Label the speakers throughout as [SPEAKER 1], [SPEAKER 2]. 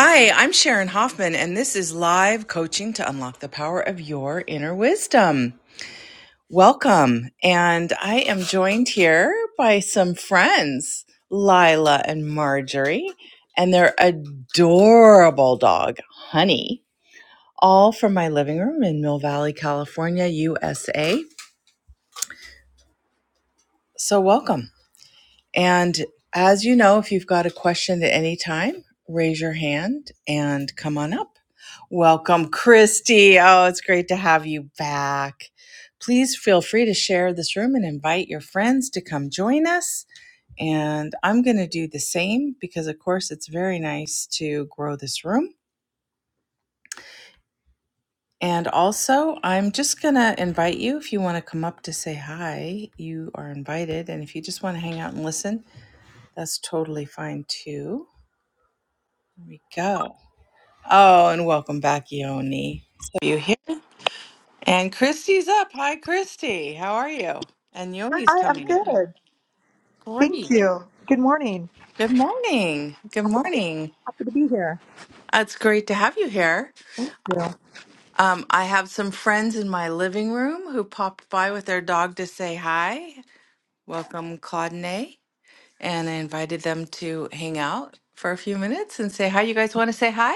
[SPEAKER 1] Hi, I'm Sharon Hoffman, and this is live coaching to unlock the power of your inner wisdom. Welcome. And I am joined here by some friends, Lila and Marjorie, and their adorable dog, Honey, all from my living room in Mill Valley, California, USA. So, welcome. And as you know, if you've got a question at any time, raise your hand and come on up. Welcome, Christy. Oh, it's great to have you back. Please feel free to share this room and invite your friends to come join us. And I'm going to do the same because, of course, it's very nice to grow this room. And also, I'm just going to invite you if you want to come up to say hi, you are invited. And if you just want to hang out and listen, that's totally fine too. we go. Oh, and welcome back, Yoni. So you here? And Christy's up. Hi, Christy. How are you? And Yoni's
[SPEAKER 2] Hi, I'm
[SPEAKER 1] coming up.
[SPEAKER 2] good. Thank you. Good morning.
[SPEAKER 1] Good morning. Good
[SPEAKER 2] Happy,
[SPEAKER 1] morning.
[SPEAKER 2] happy to be here.
[SPEAKER 1] Uh, It's great to have you here.
[SPEAKER 2] Yeah.
[SPEAKER 1] Um, I have some friends in my living room who popped by with their dog to say hi. Welcome, Claude and A. And I invited them to hang out for a few minutes and say hi. You guys want to say hi?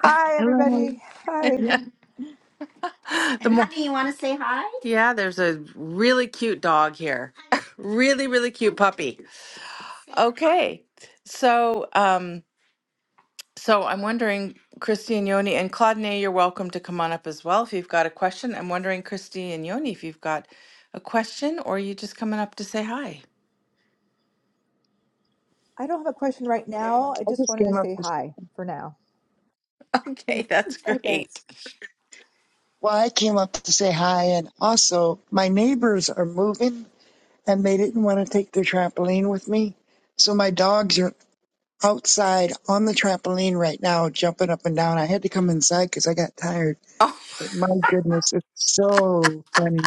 [SPEAKER 2] Hi,
[SPEAKER 3] Hello.
[SPEAKER 2] everybody. Hi.
[SPEAKER 1] The more, yeah, there's a really cute dog here. really, really cute puppy. Okay. So, um, so I'm wondering, Christy and Yoni and Claudine, you're welcome to come on up as well if you've got a question. I'm wondering, Christy and Yoni, if you've got a question or you just coming up to say hi.
[SPEAKER 2] I don't have a question right now. I just wanted to
[SPEAKER 3] Came up.
[SPEAKER 2] say hi for now.
[SPEAKER 1] Okay,
[SPEAKER 2] Thanks.
[SPEAKER 1] that's
[SPEAKER 2] Okay.
[SPEAKER 1] great.
[SPEAKER 3] Well, I came up to say hi, and also my neighbors are moving, and they didn't want to take their trampoline with me, so my dogs are outside on the trampoline right now, jumping up and down. I had to come inside because I got tired. But my goodness, it's so funny.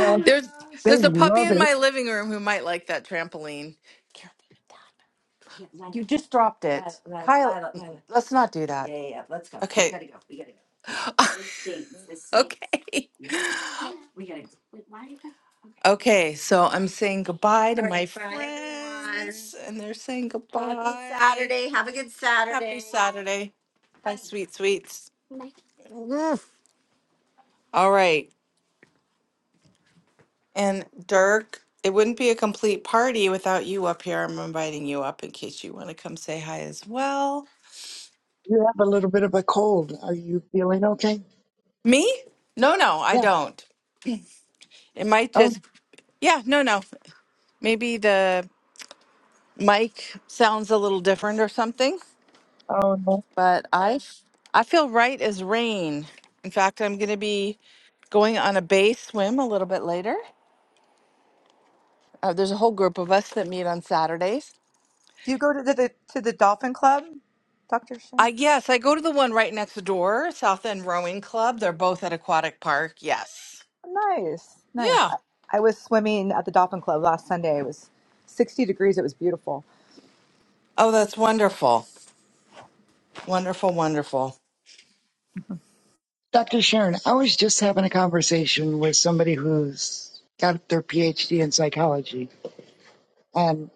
[SPEAKER 3] Uh,
[SPEAKER 1] There's
[SPEAKER 3] they
[SPEAKER 1] there's a puppy
[SPEAKER 3] love
[SPEAKER 1] in
[SPEAKER 3] it.
[SPEAKER 1] my living room who might like that trampoline. You just dropped it. Kyle, let's not do that. Okay. go. okay. that? Okay, so I'm saying goodbye to right, my friends, and they're saying Well, goodbye. Happy Saturday. Bye, sweet sweets. All right. And Dirk, it wouldn't be a complete party without you up here. I'm inviting you up in case you want to come say hi as well.
[SPEAKER 3] You have a little bit of a cold. Are you feeling okay?
[SPEAKER 1] Me? No, no, I
[SPEAKER 3] Yeah.
[SPEAKER 1] don't. It might
[SPEAKER 3] Oh,
[SPEAKER 1] just, yeah, no, no. Maybe the mic sounds a little different or something,
[SPEAKER 3] oh no.
[SPEAKER 1] but I, I feel right as rain. In fact, I'm going to be going on a bay swim a little bit later. Uh, there's a whole group of us that meet on Saturdays.
[SPEAKER 2] Do you go to the, the to the dolphin club, Doctor
[SPEAKER 1] I
[SPEAKER 2] Shen?
[SPEAKER 1] yes, I go to the one right next door, South End Rowing Club. They're both at Aquatic Park. Yes.
[SPEAKER 2] Nice, nice.
[SPEAKER 1] Yeah.
[SPEAKER 2] I, I was swimming at the dolphin club last Sunday. It was 60 degrees. It was beautiful.
[SPEAKER 1] Oh, that's wonderful. Wonderful, wonderful.
[SPEAKER 3] Dr. Sharon, I was just having a conversation with somebody who's got their PhD in psychology And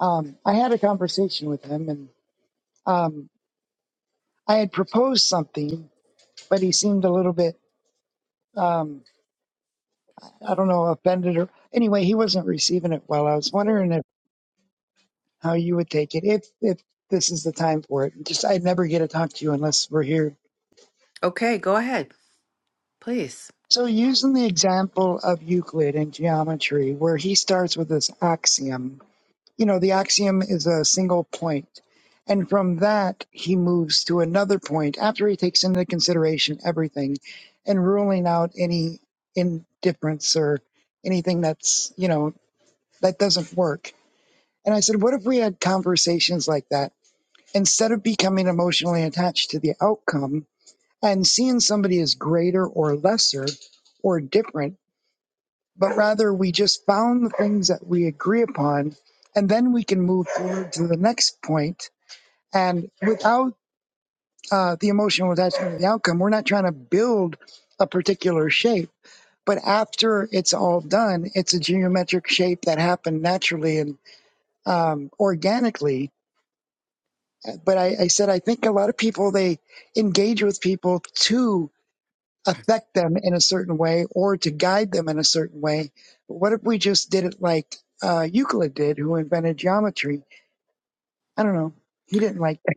[SPEAKER 3] um, I had a conversation with him, and um, I had proposed something, but he seemed a little bit, um, I don't know, offended or anyway, he wasn't receiving it well. I was wondering if how you would take it if if this is the time for it. Just I'd never get to talk to you unless we're here.
[SPEAKER 1] Okay, go ahead, please.
[SPEAKER 3] So using the example of Euclid in geometry, where he starts with this axiom you know, the axiom is a single point. And from that, he moves to another point after he takes into consideration everything and ruling out any indifference or anything that's, you know, that doesn't work. And I said, what if we had conversations like that? Instead of becoming emotionally attached to the outcome and seeing somebody as greater or lesser or different but rather we just found the things that we agree upon, and then we can move forward to the next point. And without uh, the emotional attachment to the outcome, we're not trying to build a particular shape. But after it's all done, it's a geometric shape that happened naturally and um, organically. But I, I said I think a lot of people they engage with people too affect them in a certain way or to guide them in a certain way. But what if we just did it like uh, Euclid did, who invented geometry? I don't know. He didn't like that.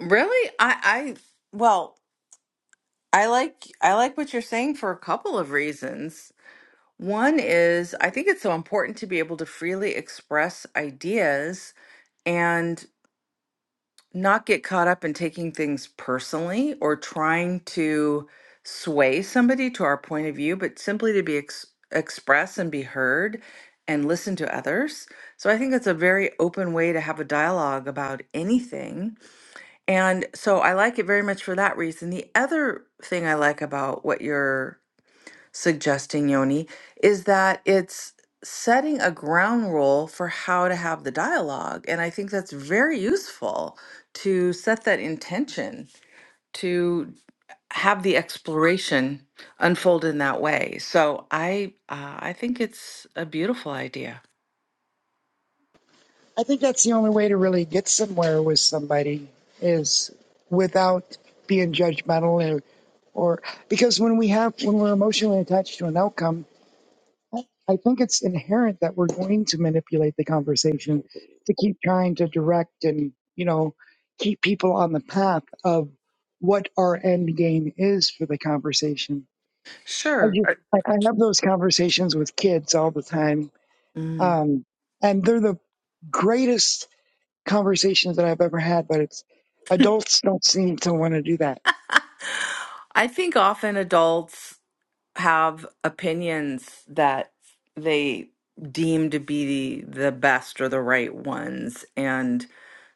[SPEAKER 1] Really? I I well, I like I like what you're saying for a couple of reasons. One is I think it's so important to be able to freely express ideas and not get caught up in taking things personally or trying to sway somebody to our point of view, but simply to be ex- expressed and be heard and listen to others. So I think it's a very open way to have a dialogue about anything. And so I like it very much for that reason. The other thing I like about what you're suggesting, Yoni, is that it's setting a ground rule for how to have the dialogue. And I think that's very useful to set that intention to have the exploration unfold in that way. So I uh, I think it's a beautiful idea.
[SPEAKER 3] I think that's the only way to really get somewhere with somebody is without being judgmental or, or because when we have when we're emotionally attached to an outcome I I think it's inherent that we're going to manipulate the conversation to keep trying to direct and, you know, keep people on the path of what our end game is for the conversation. I
[SPEAKER 1] Sure.
[SPEAKER 3] just, I, I have those conversations with kids all the time.
[SPEAKER 1] Mm.
[SPEAKER 3] Um, and they're the greatest conversations that I've ever had, but it's adults don't seem to want to do that.
[SPEAKER 1] I think often adults have opinions that they deem to be the, the best or the right ones and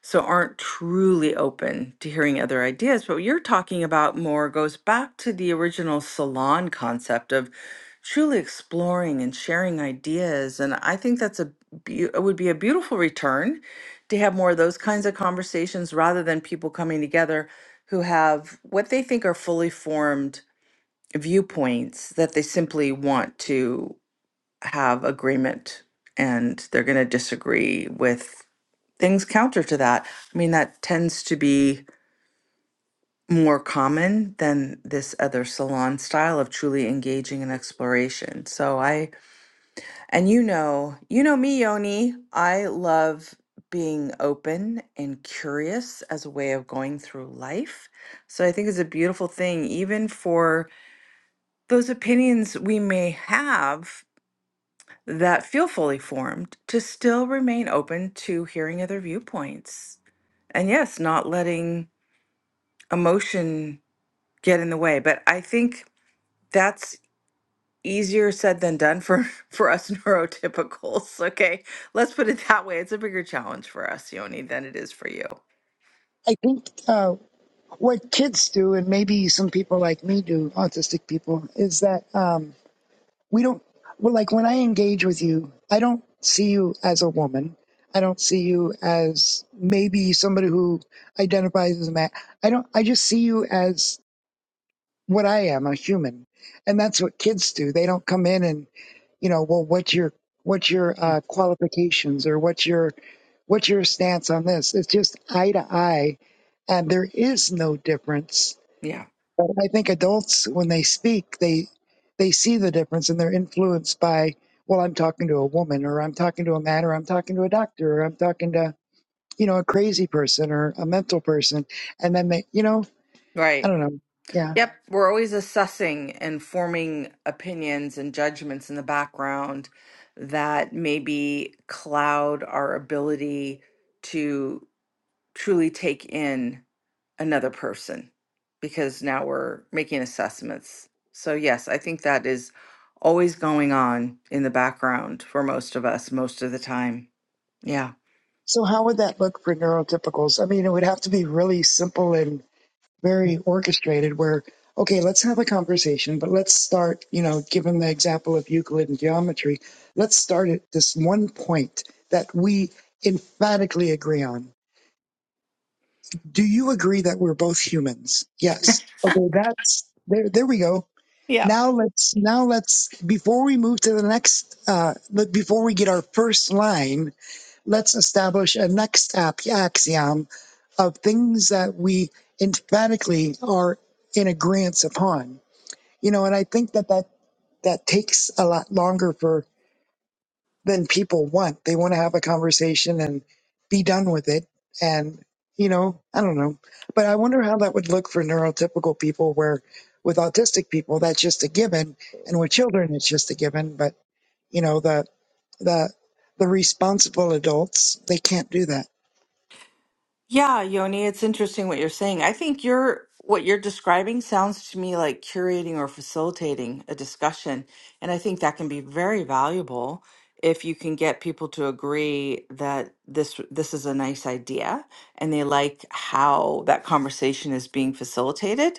[SPEAKER 1] so aren't truly open to hearing other ideas but what you're talking about more goes back to the original salon concept of truly exploring and sharing ideas and i think that's a beau- it would be a beautiful return to have more of those kinds of conversations rather than people coming together who have what they think are fully formed viewpoints that they simply want to have agreement and they're going to disagree with things counter to that. I mean, that tends to be more common than this other salon style of truly engaging in exploration. So I, and you know, you know me, Yoni, I love being open and curious as a way of going through life. So I think it's a beautiful thing, even for those opinions we may have that feel fully formed to still remain open to hearing other viewpoints. And yes, not letting emotion get in the way. But I think that's easier said than done for, for us neurotypicals. Okay. Let's put it that way. It's a bigger challenge for us, Yoni, than it is for you.
[SPEAKER 3] I think uh, what kids do, and maybe some people like me do, autistic people, is that um, we don't, well, like when I engage with you, I don't see you as a woman. I don't see you as maybe somebody who identifies as a man. I don't, I just see you as what I am, a human. And that's what kids do. They don't come in and, you know, well, what's your, what's your uh, qualifications or what's your, what's your stance on this? It's just eye to eye. And there is no difference
[SPEAKER 1] Yeah.
[SPEAKER 3] but I think adults, when they speak, they they see the difference and they're influenced by, well, I'm talking to a woman, or I'm talking to a man, or I'm talking to a doctor, or I'm talking to you know a crazy person or a mental person, and then they, you know, I
[SPEAKER 1] Right.
[SPEAKER 3] don't know, yeah.
[SPEAKER 1] Yep. We're always assessing and forming opinions and judgments in the background that maybe cloud our ability to truly take in another person because now we're making assessments. So, yes, I think that is always going on in the background for most of us most of the time. Yeah.
[SPEAKER 3] So how would that look for neurotypicals? I mean, it would have to be really simple and very orchestrated where okay let's have a conversation but let's start you know given the example of euclid and geometry let's start at this one point that we emphatically agree on do you agree that we're both humans yes okay that's there there we go now let's now let's before we move to the next uh but before we get our first line let's establish a next step axiom of things that we emphatically are in agreement upon. You know, and I think that, that that takes a lot longer for than people want. They want to have a conversation and be done with it. And, you know, I don't know. But I wonder how that would look for neurotypical people where with autistic people that's just a given and with children it's just a given. But, you know, the the the responsible adults, they can't do that.
[SPEAKER 1] Yeah, Yoni, it's interesting what you're saying. I think you're what you're describing sounds to me like curating or facilitating a discussion, and I think that can be very valuable if you can get people to agree that this this is a nice idea and they like how that conversation is being facilitated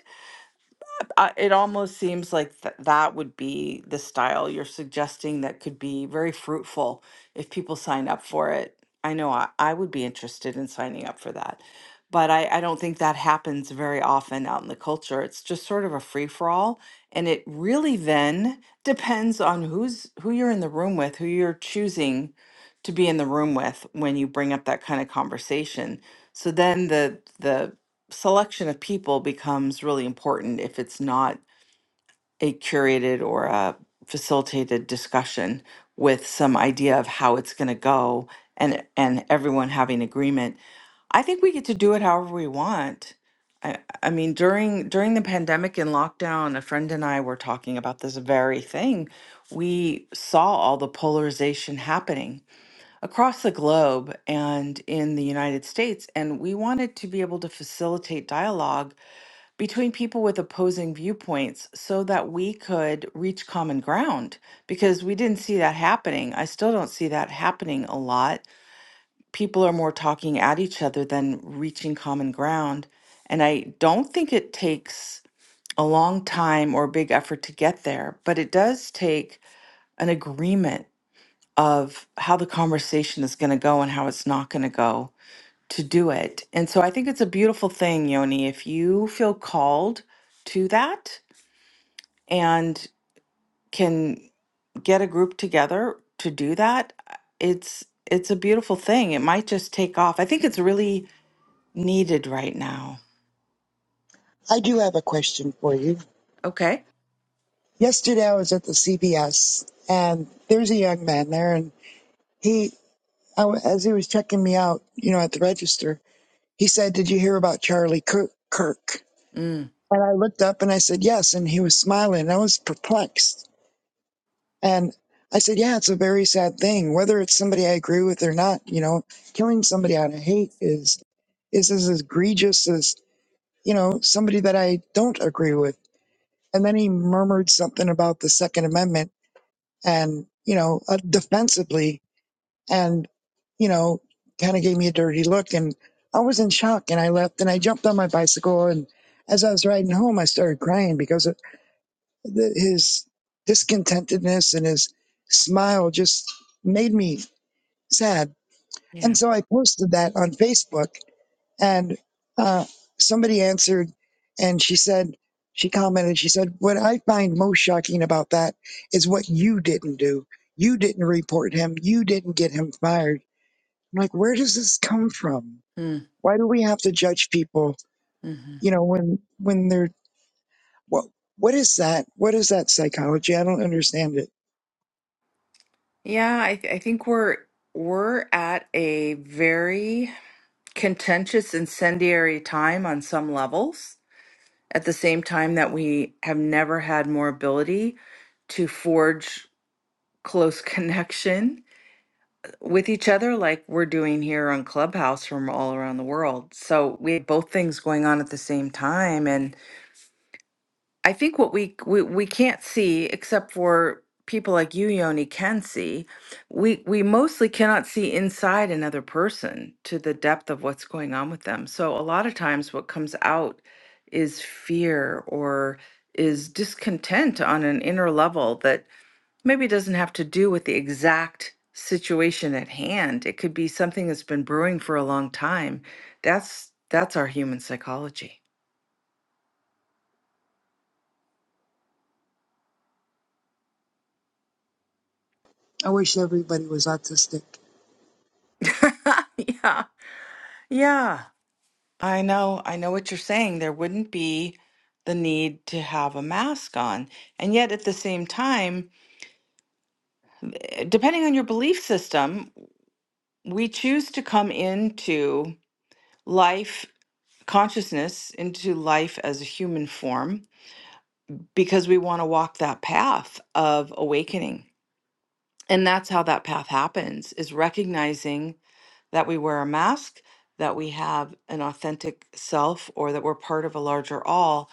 [SPEAKER 1] I, it almost seems like th- that would be the style you're suggesting that could be very fruitful if people sign up for it. I know I, I would be interested in signing up for that, but I, I don't think that happens very often out in the culture. It's just sort of a free for all, and it really then depends on who's who you're in the room with, who you're choosing to be in the room with when you bring up that kind of conversation. So then the the selection of people becomes really important if it's not a curated or a facilitated discussion with some idea of how it's going to go and and everyone having agreement i think we get to do it however we want I, I mean during during the pandemic and lockdown a friend and i were talking about this very thing we saw all the polarization happening across the globe and in the united states and we wanted to be able to facilitate dialogue between people with opposing viewpoints so that we could reach common ground because we didn't see that happening. I still don't see that happening a lot. People are more talking at each other than reaching common ground. And I don't think it takes a long time or a big effort to get there, but it does take an agreement of how the conversation is going to go and how it's not going to go to do it. And so I think it's a beautiful thing, Yoni, if you feel called to that and can get a group together to do that, it's it's a beautiful thing. It might just take off. I think it's really needed right now.
[SPEAKER 3] I do have a question for you.
[SPEAKER 1] Okay.
[SPEAKER 3] Yesterday I was at the CVS and there's a young man there and he, I, w- as he was checking me out, you know, at the register, he said, did you hear about Charlie Kirk? Kirk?
[SPEAKER 1] Mm.
[SPEAKER 3] And I looked up and I said, yes. And he was smiling. I was perplexed. And I said, yeah, it's a very sad thing, whether it's somebody I agree with or not, you know, killing somebody out of hate is, is as egregious as, you know, somebody that I don't agree with. And then he murmured something about the second amendment and you know uh, defensively and you know kind of gave me a dirty look and i was in shock and i left and i jumped on my bicycle and as i was riding home i started crying because of the, his discontentedness and his smile just made me sad and
[SPEAKER 1] Yeah.
[SPEAKER 3] so i posted that on facebook and uh, somebody answered and she said, she commented, she said, What I find most shocking about that is what you didn't do. You didn't report him. You didn't get him fired. I'm like, where does this come from?
[SPEAKER 1] Mm.
[SPEAKER 3] Why do we have to judge people,
[SPEAKER 1] hmm
[SPEAKER 3] you know, when when they're what what is that? What is that psychology? I don't understand it.
[SPEAKER 1] Yeah, I, th- I think we're we're at a very contentious, incendiary time on some levels. At the same time that we have never had more ability to forge close connection with each other like we're doing here on Clubhouse from all around the world. So we have both things going on at the same time. And I think what we we, we can't see, except for people like you, Yoni, can see, we we mostly cannot see inside another person to the depth of what's going on with them. So a lot of times what comes out is fear or is discontent on an inner level that maybe it doesn't have to do with the exact situation at hand. It could be something that's been brewing for a long time. That's that's our human psychology.
[SPEAKER 3] I wish everybody was autistic.
[SPEAKER 1] yeah. Yeah. I know. I know what you're saying. There wouldn't be the need to have a mask on. And yet at the same time, eh, depending on your belief system, we choose to come into life consciousness into life as a human form because we want to walk that path of awakening. And that's how that path happens is recognizing that we wear a mask, that we have an authentic self or that we're part of a larger all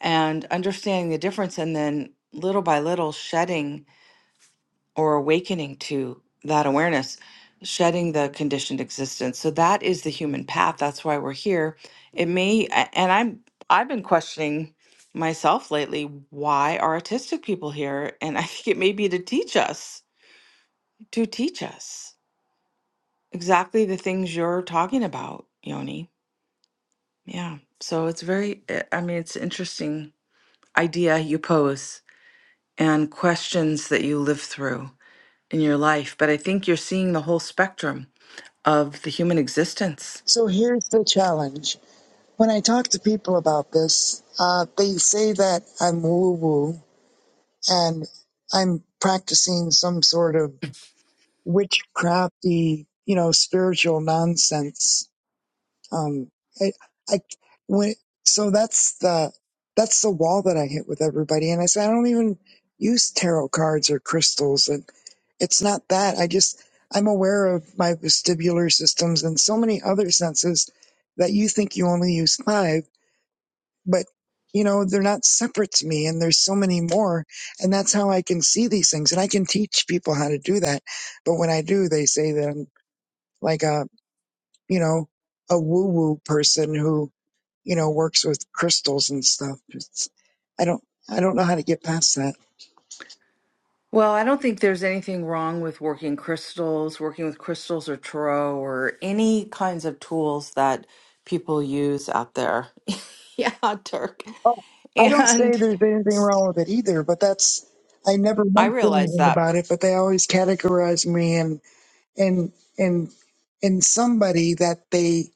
[SPEAKER 1] and understanding the difference and then little by little shedding or awakening to that awareness, shedding the conditioned existence. So that is the human path. That's why we're here. It may, a- and I'm, I've been questioning myself lately. Why are autistic people here? And I think it may be to teach us, to teach us exactly the things you're talking about, Yoni. Yeah. So it's very, eh, I mean, it's interesting idea you pose and questions that you live through in your life. But I think you're seeing the whole spectrum of the human existence.
[SPEAKER 3] So here's the challenge. When I talk to people about this, uh, they say that I'm woo woo and I'm practicing some sort of witchcrafty, you know, spiritual nonsense. Um, I, I, when, so that's the, that's the wall that I hit with everybody. And I say, I don't even use tarot cards or crystals. And it's not that. I just, I'm aware of my vestibular systems and so many other senses that you think you only use five but you know they're not separate to me and there's so many more and that's how i can see these things and i can teach people how to do that but when i do they say that i'm like a you know a woo woo person who you know works with crystals and stuff it's, i don't i don't know how to get past that
[SPEAKER 1] Well, I don't think there's anything wrong with working crystals, working with crystals or tarot or any kinds of tools that people use out there. Yeah, Turk.
[SPEAKER 3] oh i don't say
[SPEAKER 1] And
[SPEAKER 3] there's anything wrong with it either but that's i never
[SPEAKER 1] I
[SPEAKER 3] mention
[SPEAKER 1] realize
[SPEAKER 3] anything
[SPEAKER 1] that.
[SPEAKER 3] about it but they always categorize me in in in somebody that they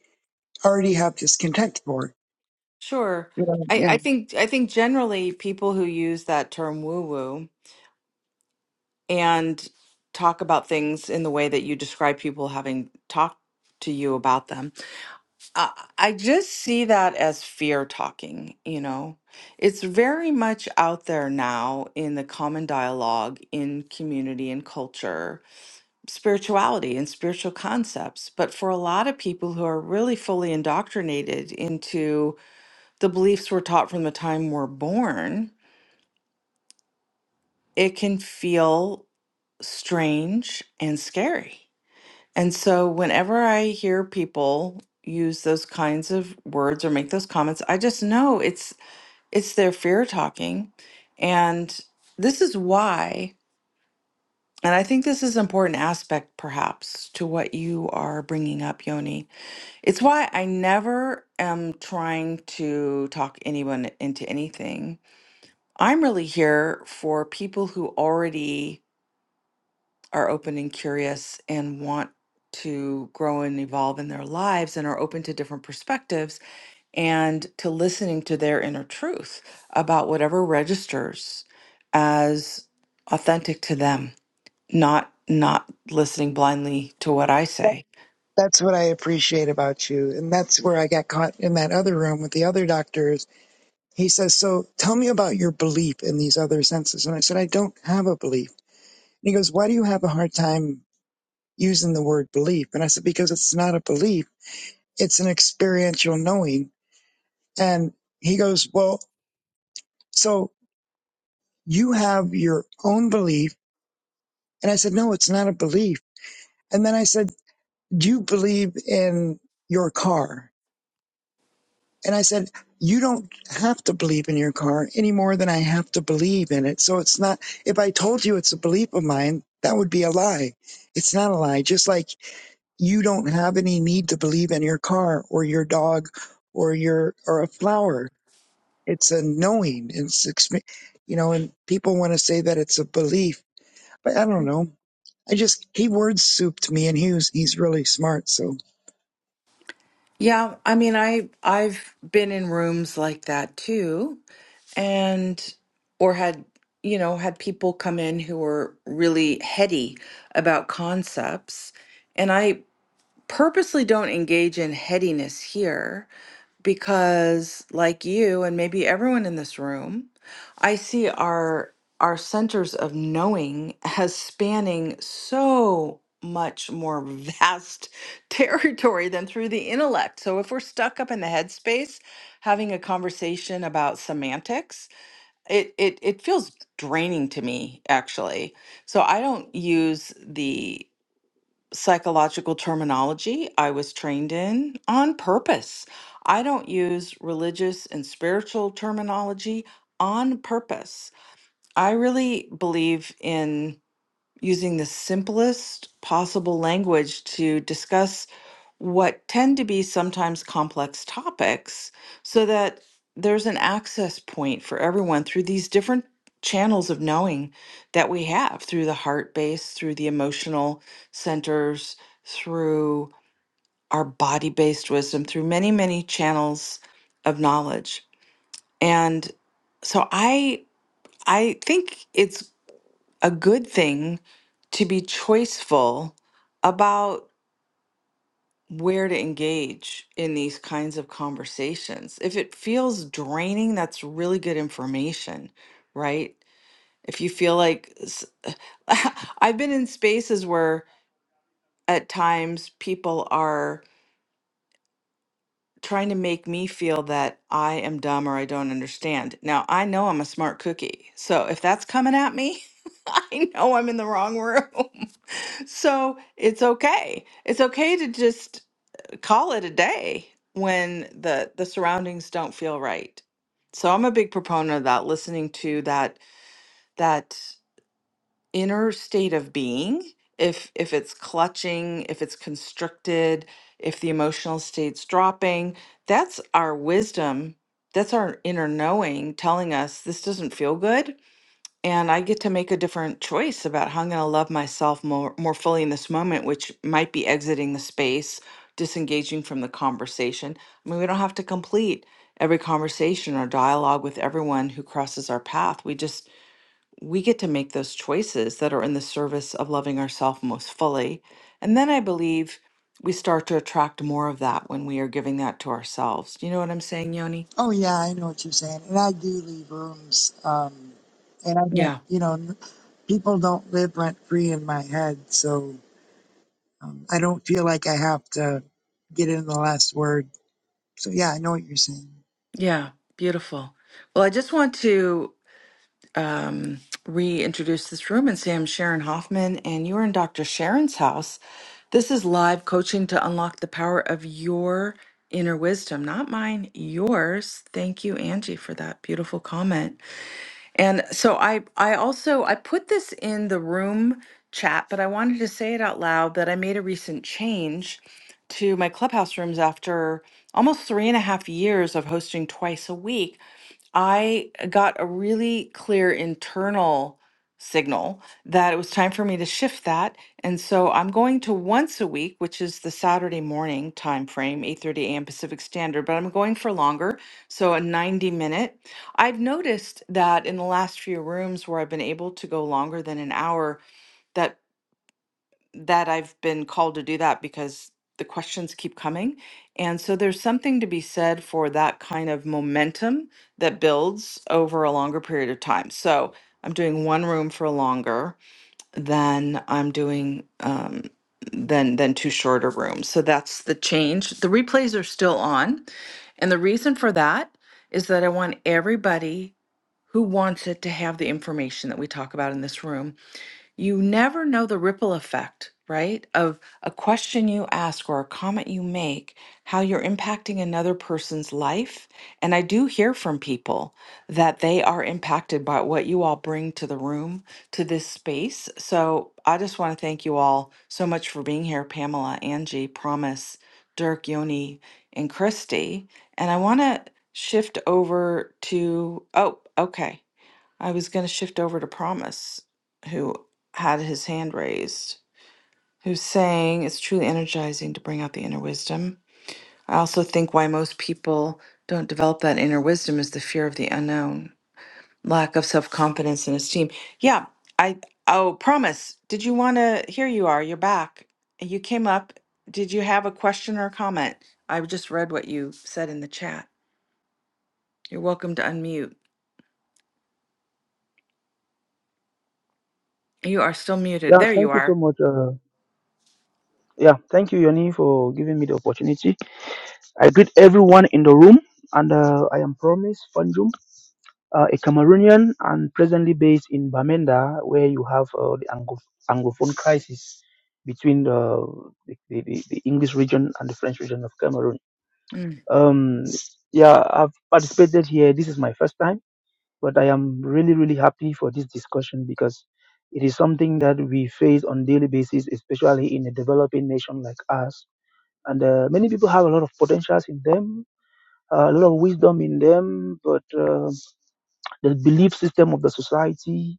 [SPEAKER 3] already have discontent for.
[SPEAKER 1] Sure.
[SPEAKER 3] You
[SPEAKER 1] I,
[SPEAKER 3] yeah,
[SPEAKER 1] I think I think generally people who use that term woo woo and talk about things in the way that you describe people having talked to you about them I I just see that as fear talking, you know. It's very much out there now in the common dialogue, in community and culture, spirituality and spiritual concepts. But for a lot of people who are really fully indoctrinated into the beliefs we're taught from the time we're born, it can feel strange and scary. And so whenever I hear people use those kinds of words or make those comments, I just know it's it's their fear talking. And this is why, and I think this is an important aspect perhaps to what you are bringing up, Yoni. It's why I never am trying to talk anyone into anything. I'm really here for people who already are open and curious and want to grow and evolve in their lives and are open to different perspectives and to listening to their inner truth about whatever registers as authentic to them not not listening blindly to what i
[SPEAKER 3] that,
[SPEAKER 1] say
[SPEAKER 3] that's what I appreciate about you, and that's where I got caught in that other room with the other doctors. He says, "So tell me about your belief in these other senses." And I said, "I don't have a belief." And he goes, "Why do you have a hard time using the word belief?" And I said, "Because it's not a belief; it's an experiential knowing." And he goes, "Well, so you have your own belief." And I said, "No, it's not a belief." And then I said, Do you believe in your car? And I said, You don't have to believe in your car any more than I have to believe in it. So it's not, if I told you it's a belief of mine, that would be a lie. It's not a lie. Just like you don't have any need to believe in your car or your dog or your, or a flower. It's a knowing. It's, expe- you know, and people want to say that it's a belief, but I don't know. I just, he word souped me and he was, he's really smart. So.
[SPEAKER 1] yeah i mean i i've been in rooms like that too and or had you know had people come in who were really heady about concepts and i purposely don't engage in headiness here because like you and maybe everyone in this room i see our our centers of knowing as spanning so much more vast territory than through the intellect so if we're stuck up in the headspace having a conversation about semantics it it, it feels draining to me actually so i don't use the psychological terminology I was trained in on purpose. I don't use religious and spiritual terminology on purpose. I really believe in using the simplest possible language to discuss what tend to be sometimes complex topics so that there's an access point for everyone through these different channels of knowing that we have through the heart base, through the emotional centers, through our body based wisdom, through many, many channels of knowledge. And so I I think it's a good thing to be choiceful about where to engage in these kinds of conversations. If it feels draining, that's really good information, right? If you feel like s- I've been in spaces where at times people are trying to make me feel that I am dumb or I don't understand. Now, I know I'm a smart cookie. So if that's coming at me, I know I'm in the wrong room. So it's okay. It's okay to just call it a day when the the surroundings don't feel right. So I'm a big proponent of that, listening to that that inner state of being. If if it's clutching, if it's constricted, if the emotional state's dropping, that's our wisdom. That's our inner knowing telling us this doesn't feel good and I get to make a different choice about how I'm going to love myself more more fully in this moment, which might be exiting the space, disengaging from the conversation. I mean, we don't have to complete every conversation or dialogue with everyone who crosses our path. We just we get to make those choices that are in the service of loving ourselves most fully. And then I believe we start to attract more of that when we are giving that to ourselves. You know what I'm saying, Yoni?
[SPEAKER 3] Oh yeah, I know what you're saying, and I do leave rooms. Um, and I don't,
[SPEAKER 1] Yeah.
[SPEAKER 3] you know, n- people don't live rent free in my head, so um, I don't feel like I have to get in the last word. So yeah, I know what you're saying.
[SPEAKER 1] Yeah. Beautiful. Well, I just want to um, reintroduce this room and say I'm Sharon Hoffman, and you are in Dr. Sharon's house. This is live coaching to unlock the power of your inner wisdom, not mine, yours. Thank you, Angie, for that beautiful comment. And so I, I also I put this in the room chat, but I wanted to say it out loud that I made a recent change to my clubhouse rooms after almost three and a half years of hosting twice a week I got a really clear internal signal that it was time for me to shift that. And so I'm going to once a week, which is the Saturday morning time frame, 8:30 a.m. Pacific Standard, but I'm going for longer, so a 90 minute. I've noticed that in the last few rooms where I've been able to go longer than an hour, that that I've been called to do that because the questions keep coming. And so there's something to be said for that kind of momentum that builds over a longer period of time. So I'm doing one room for longer than I'm doing um, than than two shorter rooms. So that's the change. The replays are still on, and the reason for that is that I want everybody who wants it to have the information that we talk about in this room you never know the ripple effect, right? Of a question you ask or a comment you make, how you're impacting another person's life. And I do hear from people that they are impacted by what you all bring to the room, to this space. So I just want to thank you all so much for being here, Pamela, Angie, Promise, Dirk, Yoni, and Christy. And I want to shift over to, oh, okay. I was going to shift over to Promise, who had his hand raised, who's saying it's truly energizing to bring out the inner wisdom. I also think why most people don't develop that inner wisdom is the fear of the unknown, lack of self confidence and esteem. Yeah, I, oh, Promise, did you want to? Here you are, you're back. You came up. Did you have a question or a comment? I just read what you said in the chat. You're welcome to unmute. You are still muted.
[SPEAKER 4] Yeah,
[SPEAKER 1] There you
[SPEAKER 4] thank you so
[SPEAKER 1] are.
[SPEAKER 4] much. Uh, yeah, thank you, Yoni, for giving me the opportunity. I greet everyone in the room, and uh, I am Promise Fanjum, uh, a Cameroonian and presently based in Bamenda, where you have uh, the Anglo- Anglophone crisis between the, the, the, the English region and the French region of Cameroon.
[SPEAKER 1] Mm.
[SPEAKER 4] Um, yeah, I've participated here. This is my first time. But I am really, really happy for this discussion because it is something that we face on daily basis, especially in a developing nation like us. And uh, many people have a lot of potentials in them, uh, a lot of wisdom in them, but uh, the belief system of the society,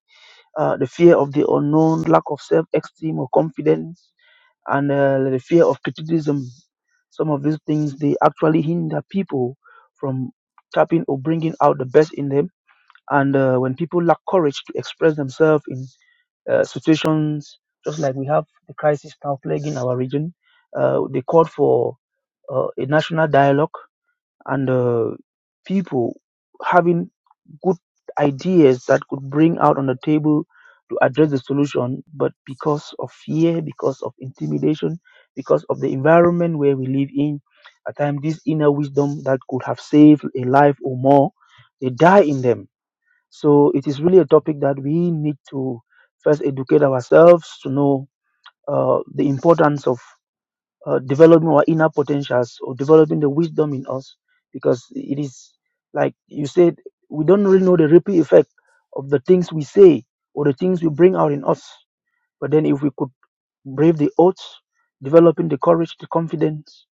[SPEAKER 4] uh, the fear of the unknown, lack of self-esteem or confidence, and uh, the fear of criticism. Some of these things they actually hinder people from tapping or bringing out the best in them and uh, when people lack courage to express themselves in uh, situations just like we have the crisis now plaguing our region, uh, they called for uh, a national dialogue and uh, people having good ideas that could bring out on the table to address the solution, but because of fear, because of intimidation, because of the environment where we live in, at times this inner wisdom that could have saved a life or more, they die in them so it is really a topic that we need to first educate ourselves to know uh, the importance of uh, developing our inner potentials or developing the wisdom in us, because it is like you said, we don't really know the ripple effect of the things we say or the things we bring out in us. But then, if we could brave the odds, developing the courage, the confidence,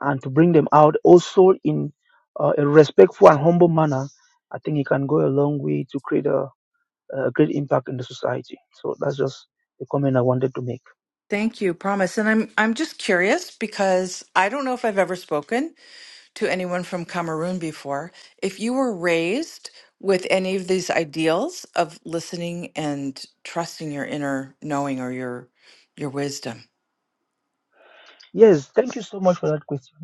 [SPEAKER 4] and to bring them out also in uh, a respectful and humble manner, I think it can go a long way to create a a great impact in the society. So that's just a comment I wanted to make.
[SPEAKER 1] Thank you, promise. And I'm I'm just curious because I don't know if I've ever spoken to anyone from Cameroon before. If you were raised with any of these ideals of listening and trusting your inner knowing or your your wisdom.
[SPEAKER 4] Yes, thank you so much for that question.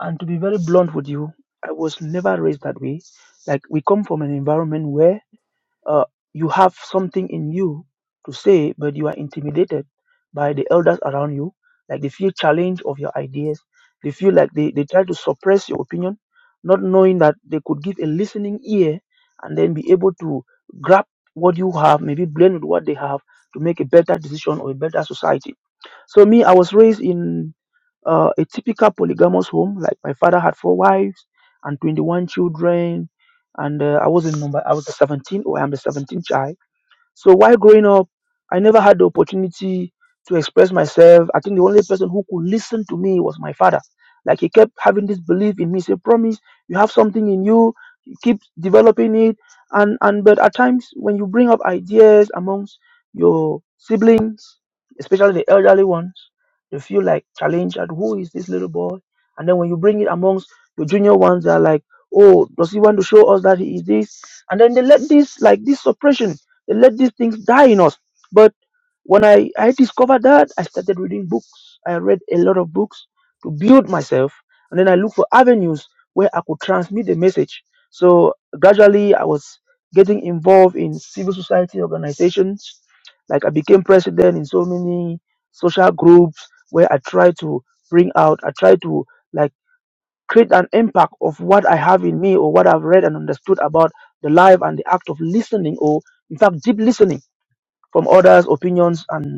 [SPEAKER 4] And to be very blunt with you, I was never raised that way. Like we come from an environment where Uh, you have something in you to say, but you are intimidated by the elders around you. Like they feel challenged of your ideas. They feel like they, they try to suppress your opinion, not knowing that they could give a listening ear and then be able to grab what you have, maybe blend with what they have to make a better decision or a better society. So me, I was raised in uh, a typical polygamous home. Like my father had four wives and 21 children, and uh, I was in number. I was the 17th, or I'm the 17th child so while growing up, I never had the opportunity to express myself. I think the only person who could listen to me was my father. Like he kept having this belief in me, say, promise, you have something in you, keep developing it. And and but at times when you bring up ideas amongst your siblings, especially the elderly ones, they feel like challenged at who is this little boy? And then when you bring it amongst your junior ones, they're like, Oh, does he want to show us that he is this? And then they let this like this suppression let these things die in us. But when I, I discovered that, I started reading books. I read a lot of books to build myself. And then I looked for avenues where I could transmit the message. So gradually, I was getting involved in civil society organizations. Like I became president in so many social groups where I tried to bring out, I tried to like create an impact of what I have in me or what I've read and understood about the life and the act of listening or in fact deep listening from others' opinions and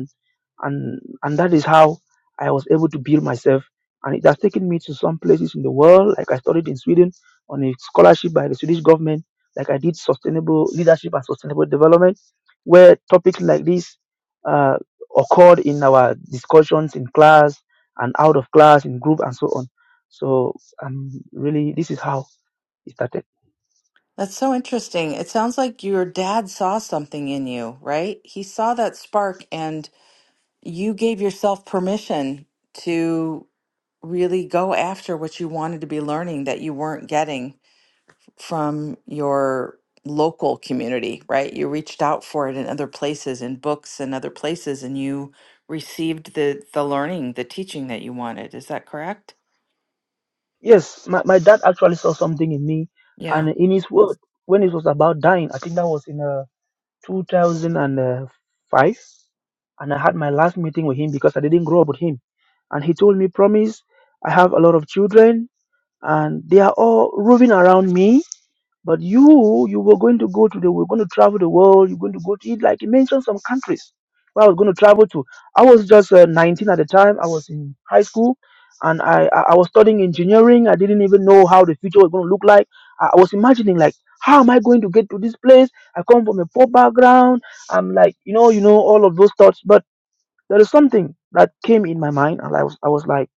[SPEAKER 4] and and that is how I was able to build myself. And it has taken me to some places in the world, like I studied in Sweden on a scholarship by the Swedish government, like I did sustainable leadership and sustainable development, where topics like this uh, occurred in our discussions in class and out of class in group and so on. So um, really, this is how it started.
[SPEAKER 1] That's so interesting. It sounds like your dad saw something in you, right? He saw that spark and you gave yourself permission to really go after what you wanted to be learning that you weren't getting from your local community, right? You reached out for it in other places, in books and other places, and you received the the learning, the teaching that you wanted. Is that correct?
[SPEAKER 4] Yes, my, my dad actually saw something in me,
[SPEAKER 1] Yeah.
[SPEAKER 4] and in his word, when it was about dying, I think that was in a 2005 and I had my last meeting with him because I didn't grow up with him. And he told me, Promise, I have a lot of children and they are all roving around me but you, you were going to go to the, we're going to travel the world. You're going to go to, it. like you mentioned some countries where I was going to travel to. I was just uh, 19 at the time. I was in high school, and I, I I was studying engineering. I didn't even know how the future was going to look like. I I was imagining like, how am I going to get to this place? I come from a poor background. I'm like, you know, you know, all of those thoughts. But there is something that came in my mind, and I was, I was like,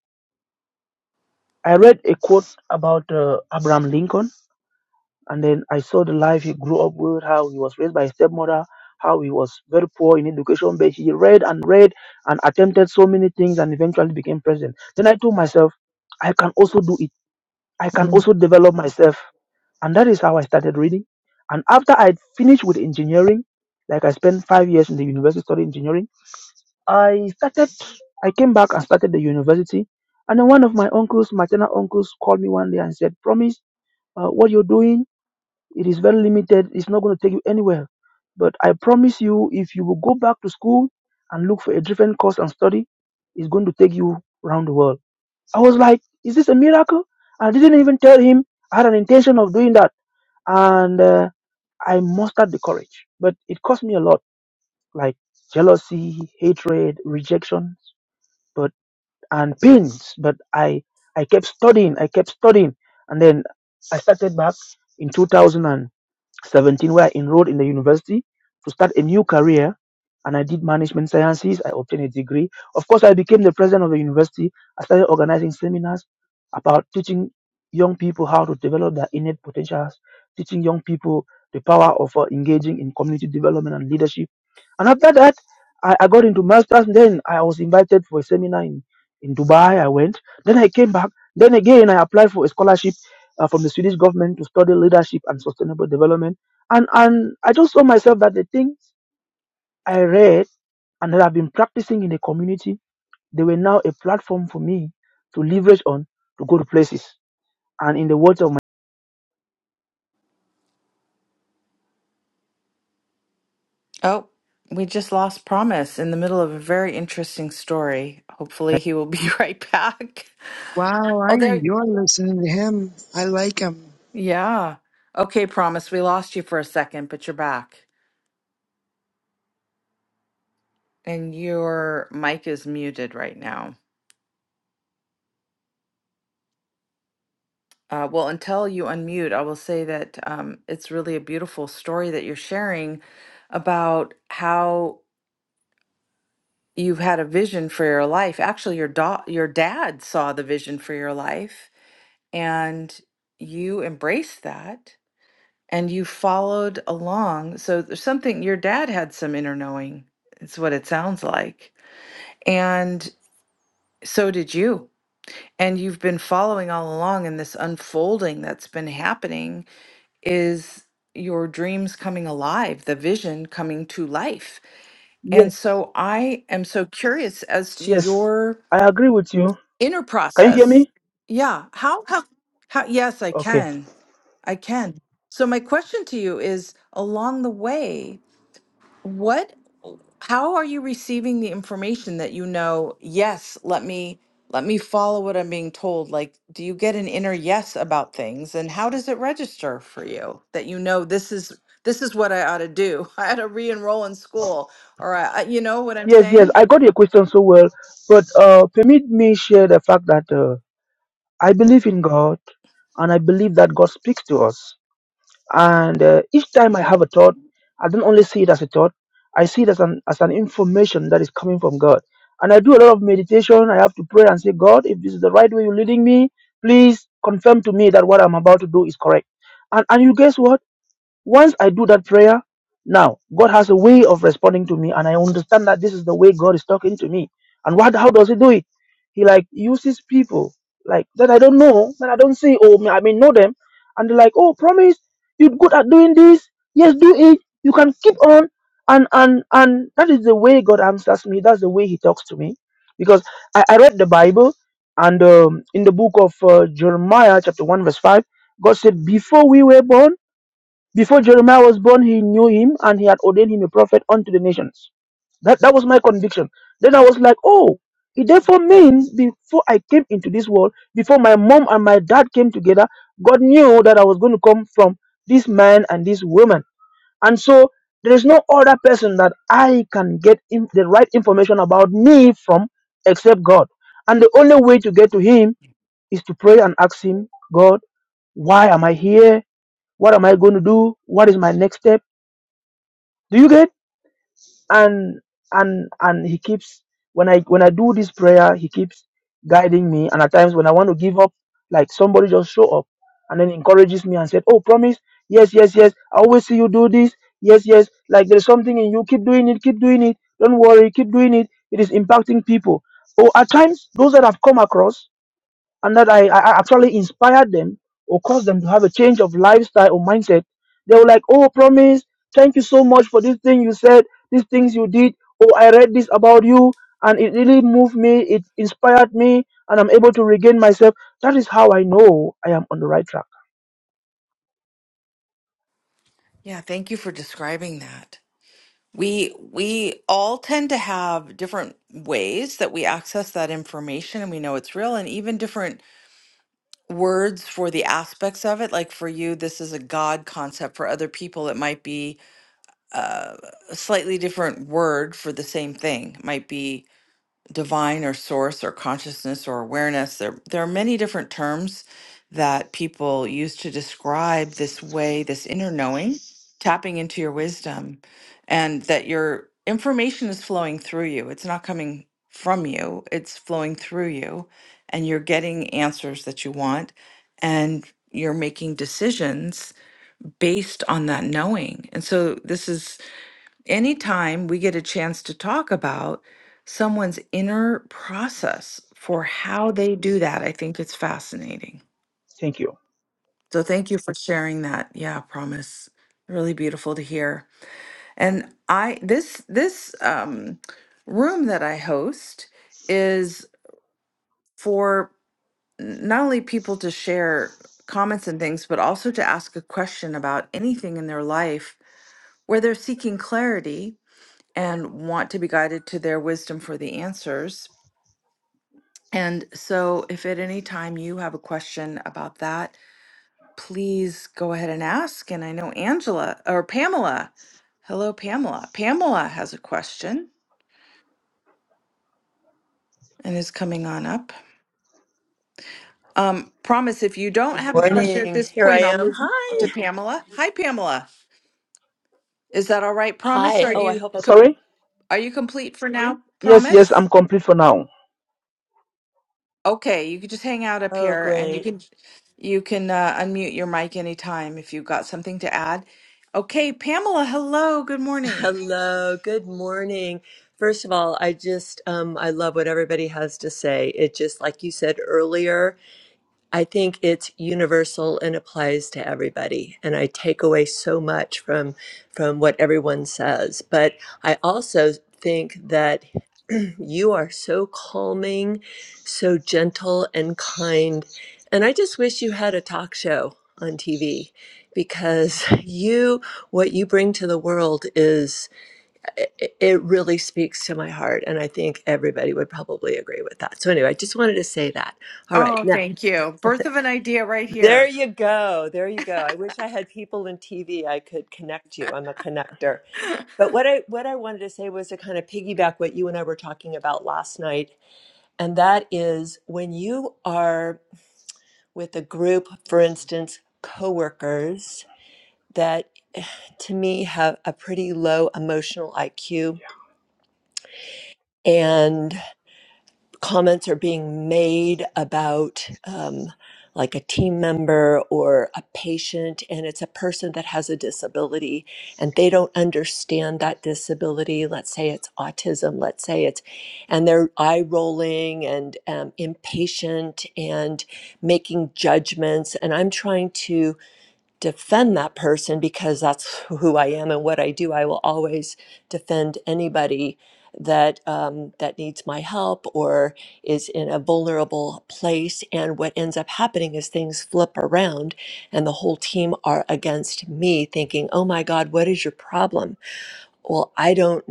[SPEAKER 4] I read a quote about uh, Abraham Lincoln and then I saw the life he grew up with, how he was raised by his stepmother, how he was very poor in education, but he read and read and attempted so many things and eventually became president. Then I told myself, I can also do it. I can
[SPEAKER 1] Mhm.
[SPEAKER 4] also develop myself. And that is how I started reading. And after I finished with engineering, like I spent five years in the university studying engineering, I started, I came back and started the university. And then one of my uncles, maternal uncles, called me one day and said, Promise, uh, what you're doing? It is very limited. It's not going to take you anywhere. But I promise you, if you will go back to school and look for a different course and study, it's going to take you around the world. I was like, is this a miracle? I didn't even tell him I had an intention of doing that. And uh, I mustered the courage. But it cost me a lot, like jealousy, hatred, rejection, but and pains. But I, I kept studying. I kept studying. And then I started back in 2000. 17 where I enrolled in the university to start a new career and I did management sciences. I obtained a degree. Of course, I became the president of the university. I started organizing seminars about teaching young people how to develop their innate potentials, teaching young people the power of uh, engaging in community development and leadership. And after that, I, I got into masters. Then I was invited for a seminar in, in Dubai. I went. Then I came back. Then again, I applied for a scholarship uh, from the Swedish government to study leadership and sustainable development and and I just saw myself that the things I read and that I've been practicing in the community, they were now a platform for me to leverage on to go to places. And in the words of my
[SPEAKER 1] Oh, we just lost Promise in the middle of a very interesting story. Hopefully, he will be right back.
[SPEAKER 3] Wow, I
[SPEAKER 1] Oh, there.
[SPEAKER 3] enjoy listening to him. I like him.
[SPEAKER 1] Yeah. Okay, Promise, we lost you for a second, but you're back. And your mic is muted right now. Uh, well, until you unmute, I will say that um, it's really a beautiful story that you're sharing about how you've had a vision for your life. Actually, your da- your dad saw the vision for your life, and you embraced that, and you followed along. So there's something your dad had some inner knowing. It's what it sounds like, and so did you. And you've been following all along in this unfolding that's been happening is your dreams coming alive, the vision coming to life. And
[SPEAKER 4] yes,
[SPEAKER 1] so I am so curious as to
[SPEAKER 4] yes,
[SPEAKER 1] your
[SPEAKER 4] I agree with you.
[SPEAKER 1] inner
[SPEAKER 4] Can you hear
[SPEAKER 1] process.
[SPEAKER 4] me?
[SPEAKER 1] Yeah, how how, how yes, I
[SPEAKER 4] Okay.
[SPEAKER 1] can. I can. So my question to you is along the way, what, how are you receiving the information that you know, yes, let me let me follow what I'm being told? Like, do you get an inner yes about things and how does it register for you that you know this is this is what I ought to do? I ought to re-enroll in school or I, I- you know what I'm
[SPEAKER 4] Yes, yes,
[SPEAKER 1] saying?
[SPEAKER 4] I got your question so well, but uh, permit me share the fact that uh, I believe in God, and I believe that God speaks to us. And uh, each time I have a thought, I don't only see it as a thought, I see it as an, as an information that is coming from God. And I do a lot of meditation. I have to pray and say, God, if this is the right way you're leading me, please confirm to me that what I'm about to do is correct. And, and you guess what? Once I do that prayer, now God has a way of responding to me, and I understand that this is the way God is talking to me. And what? How does He do it? He like uses people like that I don't know, that I don't see, "Oh, I may know them, and they're like, "Oh, promise, you're good at doing this. Yes, do it. You can keep on." And and and that is the way God answers me. That's the way He talks to me, because I, I read the Bible, and um, in the book of uh, Jeremiah, chapter one, verse five, God said, "Before we were born." Before Jeremiah was born, he knew him and he had ordained him a prophet unto the nations. That, that was my conviction. Then I was like, oh, it therefore means before I came into this world, before my mom and my dad came together, God knew that I was going to come from this man and this woman. And so there is no other person that I can get in the right information about me from except God. And the only way to get to Him is to pray and ask Him, God, why am I here? what am i going to do what is my next step do you get and and and he keeps when i when i do this prayer he keeps guiding me and at times when i want to give up like somebody just show up and then encourages me and said oh promise yes yes yes i always see you do this yes yes like there's something in you keep doing it keep doing it don't worry keep doing it it is impacting people oh at times those that i've come across and that I, I I actually inspired them or caused them to have a change of lifestyle or mindset, they were like, Oh, promise, thank you so much for this thing you said, these things you did. Oh, I read this about you, and it really moved me, it inspired me, and I'm able to regain myself. That is how I know I am on the right track.
[SPEAKER 1] Yeah, thank you for describing that. We we all tend to have different ways that we access that information and we know it's real and even different words for the aspects of it. Like for you, this is a God concept. For other people, it might be uh, a slightly different word for the same thing. It might be divine or source or consciousness or awareness. There, there are many different terms that people use to describe this way, this inner knowing, tapping into your wisdom, and that your information is flowing through you. It's not coming from you, it's flowing through you, and you're getting answers that you want, and you're making decisions based on that knowing. And so this is anytime we get a chance to talk about someone's inner process for how they do that, I think it's fascinating.
[SPEAKER 4] Thank you.
[SPEAKER 1] So thank you for sharing that. Yeah, promise. Really beautiful to hear. And I this this um room that I host is for n- not only people to share comments and things, but also to ask a question about anything in their life where they're seeking clarity and want to be guided to their wisdom for the answers. And so, if at any time you have a question about that, please go ahead and ask. And I know Angela or Pamela. Hello, Pamela. Pamela has a question and is coming on up. Um, promise if you don't
[SPEAKER 5] Good
[SPEAKER 1] have a question at
[SPEAKER 5] morning.
[SPEAKER 1] this
[SPEAKER 5] Here I
[SPEAKER 1] point, I'll
[SPEAKER 5] am.
[SPEAKER 1] move to
[SPEAKER 5] Hi.
[SPEAKER 1] Pamela. Hi, Pamela. Is that all right? Promise,
[SPEAKER 5] Hi.
[SPEAKER 1] are
[SPEAKER 5] Oh, I
[SPEAKER 1] you
[SPEAKER 5] hope I
[SPEAKER 1] com-
[SPEAKER 5] didn't.
[SPEAKER 4] Sorry?
[SPEAKER 1] are you complete for now?
[SPEAKER 4] Yes, yes,
[SPEAKER 1] Promise.
[SPEAKER 4] I'm complete for now.
[SPEAKER 1] Okay, you can just hang out up
[SPEAKER 5] Oh,
[SPEAKER 1] here and you
[SPEAKER 5] great.
[SPEAKER 1] can you can uh, unmute your mic anytime if you've got something to add. Okay, Pamela, hello, good morning.
[SPEAKER 5] Hello. Good morning. First of all, I just um I love what everybody has to say. It just like you said earlier, I think it's universal and applies to everybody. And I take away so much from from what everyone says. But I also think that You are so calming, so gentle and kind. And I just wish you had a talk show on TV because you, what you bring to the world is, it it really speaks to my heart. And I think everybody would probably agree with that. So, anyway, I just wanted to say that. All right.
[SPEAKER 1] Oh,
[SPEAKER 5] Now,
[SPEAKER 1] thank you. Birth of an idea right
[SPEAKER 5] there
[SPEAKER 1] here.
[SPEAKER 5] you go. There you go. I wish I had people in TV I could connect you. I'm a connector. But what I what I wanted to say was to kind of piggyback what you and I were talking about last night and that is when you are with a group, for instance, coworkers that to me have a pretty low emotional IQ. And comments are being made about um, like a team member or a patient and it's a person that has a disability and they don't understand that disability let's say it's autism let's say it's and they're eye rolling and um, impatient and making judgments and i'm trying to defend that person because that's who I am and what I do. I will always defend anybody that um, that needs my help or is in a vulnerable place. And what ends up happening is things flip around, and the whole team are against me, thinking, "Oh my God, what is your problem?" well, I don't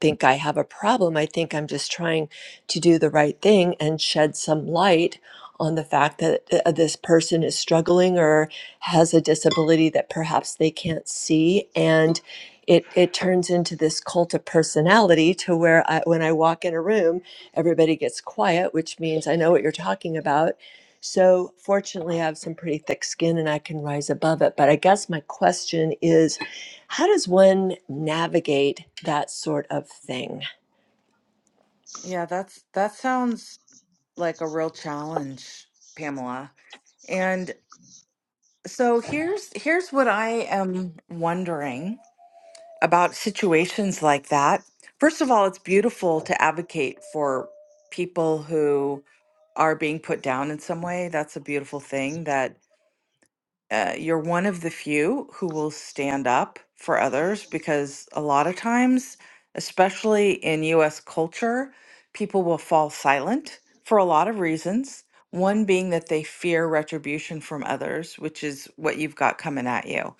[SPEAKER 5] think I have a problem. I think I'm just trying to do the right thing and shed some light on the fact that uh, this person is struggling or has a disability that perhaps they can't see. And it, it turns into this cult of personality to where I, when I walk in a room, everybody gets quiet, which means I know what you're talking about. So, fortunately, I have some pretty thick skin and I can rise above it. But I guess my question is how does one navigate that sort of thing?
[SPEAKER 1] Yeah, that's that sounds like a real challenge, Pamela. And so here's here's what I am wondering. about situations like that. First of all, it's beautiful to advocate for people who are being put down in some way. That's a beautiful thing that uh, you're one of the few who will stand up for others because a lot of times, especially in US culture, people will fall silent for a lot of reasons. One being that they fear retribution from others, which is what you've got coming at you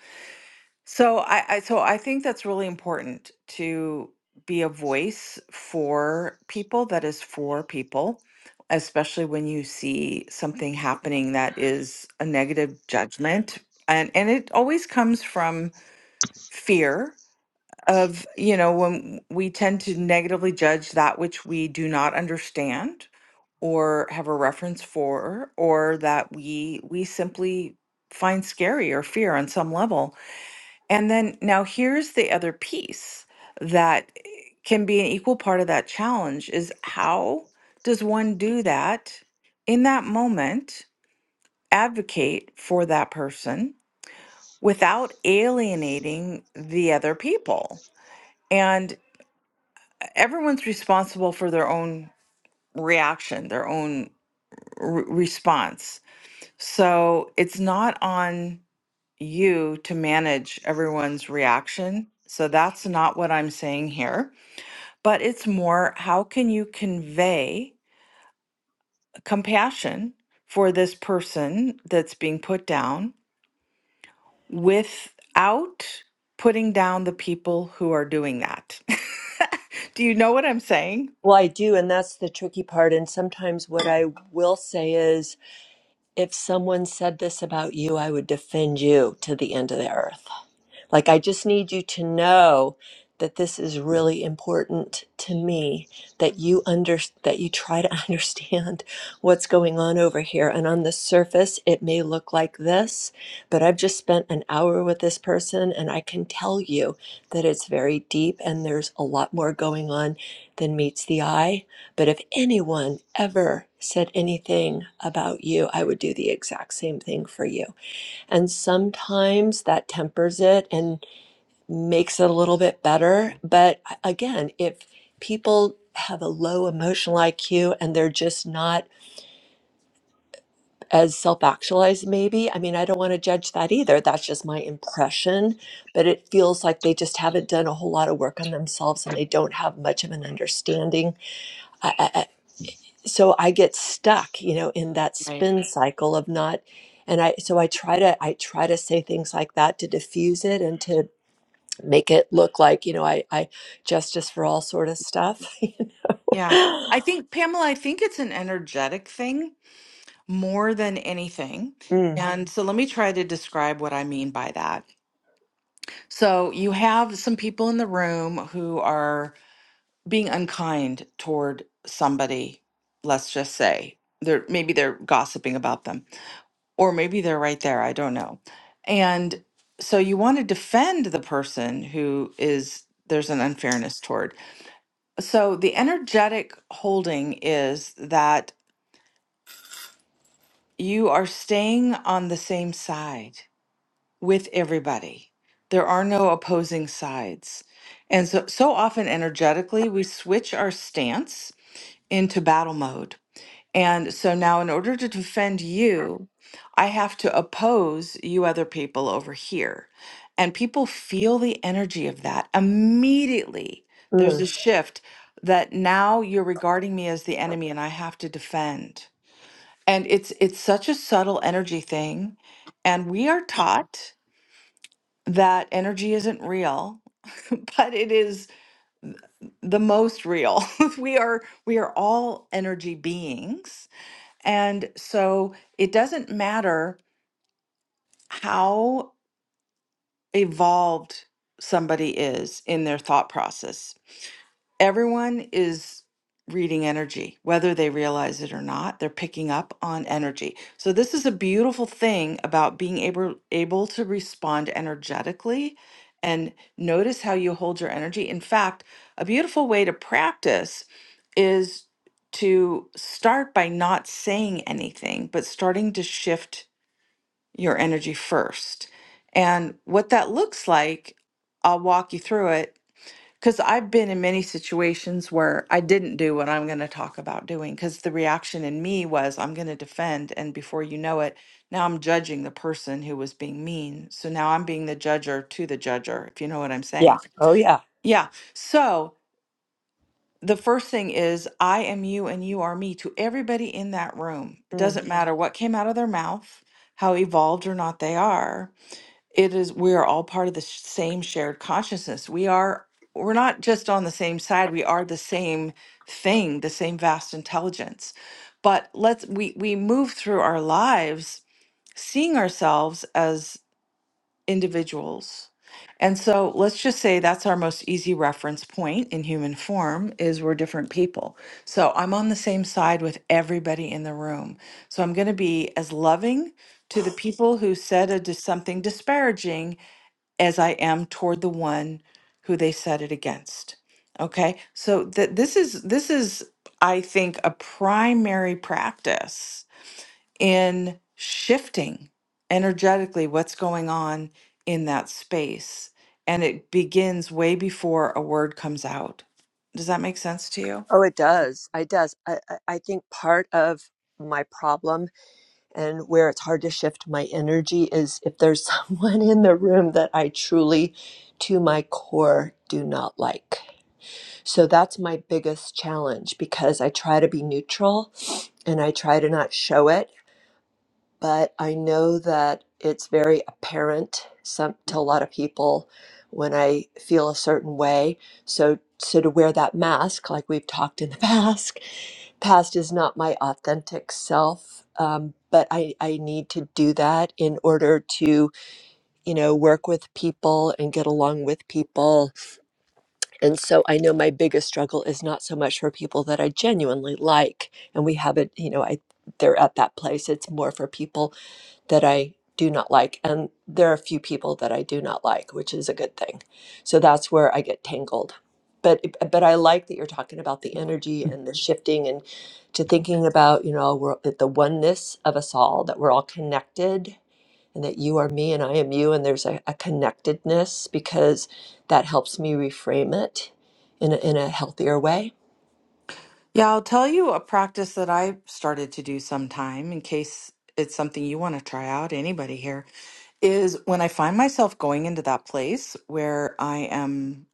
[SPEAKER 1] so I, I so I think that's really important to be a voice for people that is for people, especially when you see something happening that is a negative judgment. And and it always comes from fear of, you know, when we tend to negatively judge that which we do not understand or have a reference for, or that we we simply find scary or fear on some level. And then now here's the other piece that eh, can be an equal part of that challenge is how does one do that in that moment, advocate for that person without alienating the other people? And eh, everyone's responsible for their own reaction, their own re- response. So it's not on you to manage everyone's reaction. So that's not what I'm saying here. but it's more how can you convey compassion for this person that's being put down without putting down the people who are doing that? Do you know what I'm saying?
[SPEAKER 5] Well, I do, and that's the tricky part. And sometimes what I will say is if someone said this about you, I would defend you to the end of the earth. Like, I just need you to know that this is really important to me that you under that you try to understand what's going on over here and on the surface it may look like this but I've just spent an hour with this person and I can tell you that it's very deep and there's a lot more going on than meets the eye but if anyone ever said anything about you I would do the exact same thing for you and sometimes that tempers it. And makes it a little bit better. But again, if people have a low emotional IQ and they're just not as self actualized, maybe, I mean, I don't want to judge that either. That's just my impression. But it feels like they just haven't done a whole lot of work on themselves and they don't have much of an understanding. I, I, I- so I get stuck, you know, in that spin cycle of not. And I, so I try to, I try to say things like that to diffuse it and to. make it look like you know i i justice for all sort of stuff you
[SPEAKER 1] Yeah.
[SPEAKER 5] know?
[SPEAKER 1] I think, Pamela, I think it's an energetic thing more than anything.
[SPEAKER 5] mm,
[SPEAKER 1] And so let me try to describe what I mean by that. So you have some people in the room who are being unkind toward somebody, let's just say. They're maybe they're gossiping about them. Or maybe they're right there, I don't know. And so you want to defend the person who is there's an unfairness toward. So the energetic holding is that you are staying on the same side with everybody. There are no opposing sides. And so so often energetically we switch our stance into battle mode And so now, in order to defend you, I have to oppose you other people over here. And people feel the energy of that immediately. There's a
[SPEAKER 5] mm,
[SPEAKER 1] Mhm. shift that now you're regarding me as the enemy and I have to defend. And it's it's such a subtle energy thing. And we are taught that energy isn't real, but it is the most real. we are we are all energy beings and so it doesn't matter how evolved somebody is in their thought process. Everyone is reading energy, whether they realize it or not, they're picking up on energy. So this is a beautiful thing about being able able to respond energetically and notice how you hold your energy. In fact, a beautiful way to practice is to start by not saying anything, but starting to shift your energy first. And what that looks like, I'll walk you through it because I've been in many situations where I didn't do what I'm going to talk about doing because the reaction in me was, I'm going to defend. And before you know it, now I'm judging the person who was being mean. So now I'm being the judger to the judger, if you know what I'm
[SPEAKER 5] yeah
[SPEAKER 1] saying.
[SPEAKER 5] oh yeah
[SPEAKER 1] Yeah. So the first thing is, I am you and you are me to everybody in that room. It
[SPEAKER 5] mm.
[SPEAKER 1] doesn't matter what came out of their mouth, how evolved or not they are it is we are all part of the sh- same shared consciousness we are we're not just on the same side we are the same thing the same vast intelligence but let's we we move through our lives seeing ourselves as individuals and so let's just say that's our most easy reference point in human form is we're different people so i'm on the same side with everybody in the room so i'm going to be as loving to the people who said a, dis- something disparaging as I am toward the one who they set it against. Okay? So that this is this is I think a primary practice in shifting energetically what's going on in that space and it begins way before a word comes out. Does that make sense to you?
[SPEAKER 5] oh it does it does I, I I think part of my problem and where it's hard to shift my energy is if there's someone in the room that i truly to my core do not like so that's my biggest challenge because i try to be neutral and i try to not show it but I know that it's very apparent some, to a lot of people when I feel a certain way. So, so to wear that mask, like we've talked in the past, past is not my authentic self. Um, but I, I need to do that in order to, you know, work with people and get along with people. And so I know my biggest struggle is not so much for people that I genuinely like. And we haven't, you know, I they're at that place. It's more for people that I do not like. And there are a few people that I do not like, which is a good thing. So that's where I get tangled. But but I like that you're talking about the energy and the shifting and to thinking about, you know, we're, that the oneness of us all, that we're all connected and that you are me and I am you. And there's a, a connectedness because that helps me reframe it in a, in a healthier way
[SPEAKER 1] Yeah, I'll tell you a practice that I started to do sometime in case it's something you want to try out, anybody here, is when I find myself going into that place where I am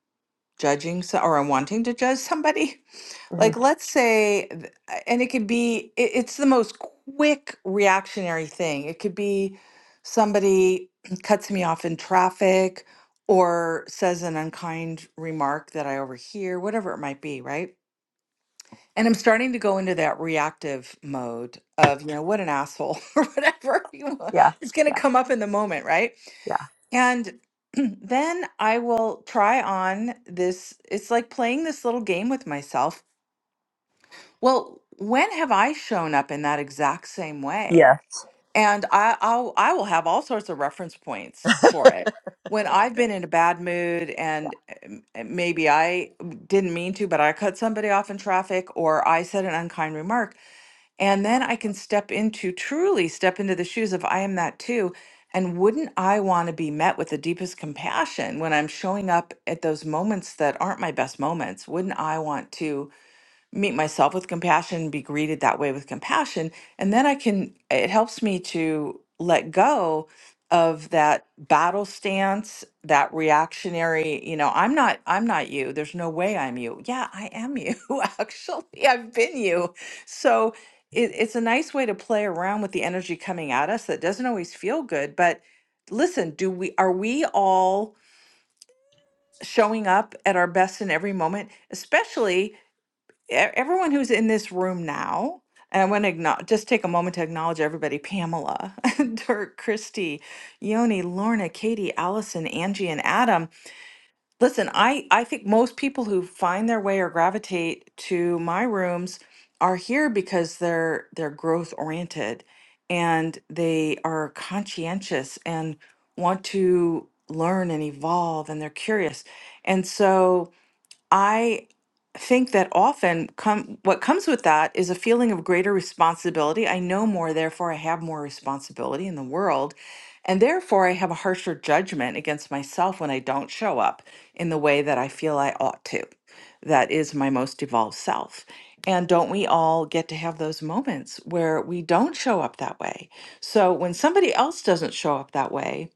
[SPEAKER 1] judging so, or I'm wanting to judge somebody.
[SPEAKER 5] hmm
[SPEAKER 1] Like, let's say, th- and it could be, it- it's the most quick reactionary thing. It could be somebody cuts me off in traffic or says an unkind remark that I overhear, whatever it might be, right? And I'm starting to go into that reactive mode of, you know, what an asshole or whatever you want.
[SPEAKER 5] Yeah.
[SPEAKER 1] It's going
[SPEAKER 5] Yeah.
[SPEAKER 1] to come up in the moment, right?
[SPEAKER 5] Yeah.
[SPEAKER 1] And then I will try on this. It's like playing this little game with myself. Well, when have I shown up in that exact same way?
[SPEAKER 5] Yes.
[SPEAKER 1] And I, I'll, I will have all sorts of reference points for it. When I've been in a bad mood
[SPEAKER 5] Yeah,
[SPEAKER 1] and um, uh, maybe I didn't mean to, but I cut somebody off in traffic or I said an unkind remark and then I can step into, truly step into the shoes of I am that too. And wouldn't I want to be met with the deepest compassion when I'm showing up at those moments that aren't my best moments? Wouldn't I want to? meet myself with compassion, be greeted that way with compassion. And then I can, it helps me to let go of that battle stance, that reactionary, you know, I'm not, I'm not you. There's no way I'm you. Yeah, I am you. Actually, I've been you. So it, it's a nice way to play around with the energy coming at us that doesn't always feel good. But listen, do we, are we all showing up at our best in every moment, especially? e- everyone who's in this room now, and I want to acknowledge, just take a moment to acknowledge everybody Pamela, Dirk, Christy, Yoni, Lorna, Katie, Allison, Angie, and Adam. Listen, I, I think most people who find their way or gravitate to my rooms are here because they're they're growth oriented and they are conscientious and want to learn and evolve and they're curious. And so I think that often come what comes with that is a feeling of greater responsibility. I know more, therefore I have more responsibility in the world, and therefore I have a harsher judgment against myself when I don't show up in the way that I feel I ought to. That is my most evolved self. And don't we all get to have those moments where we don't show up that way? So when somebody else doesn't show up that way,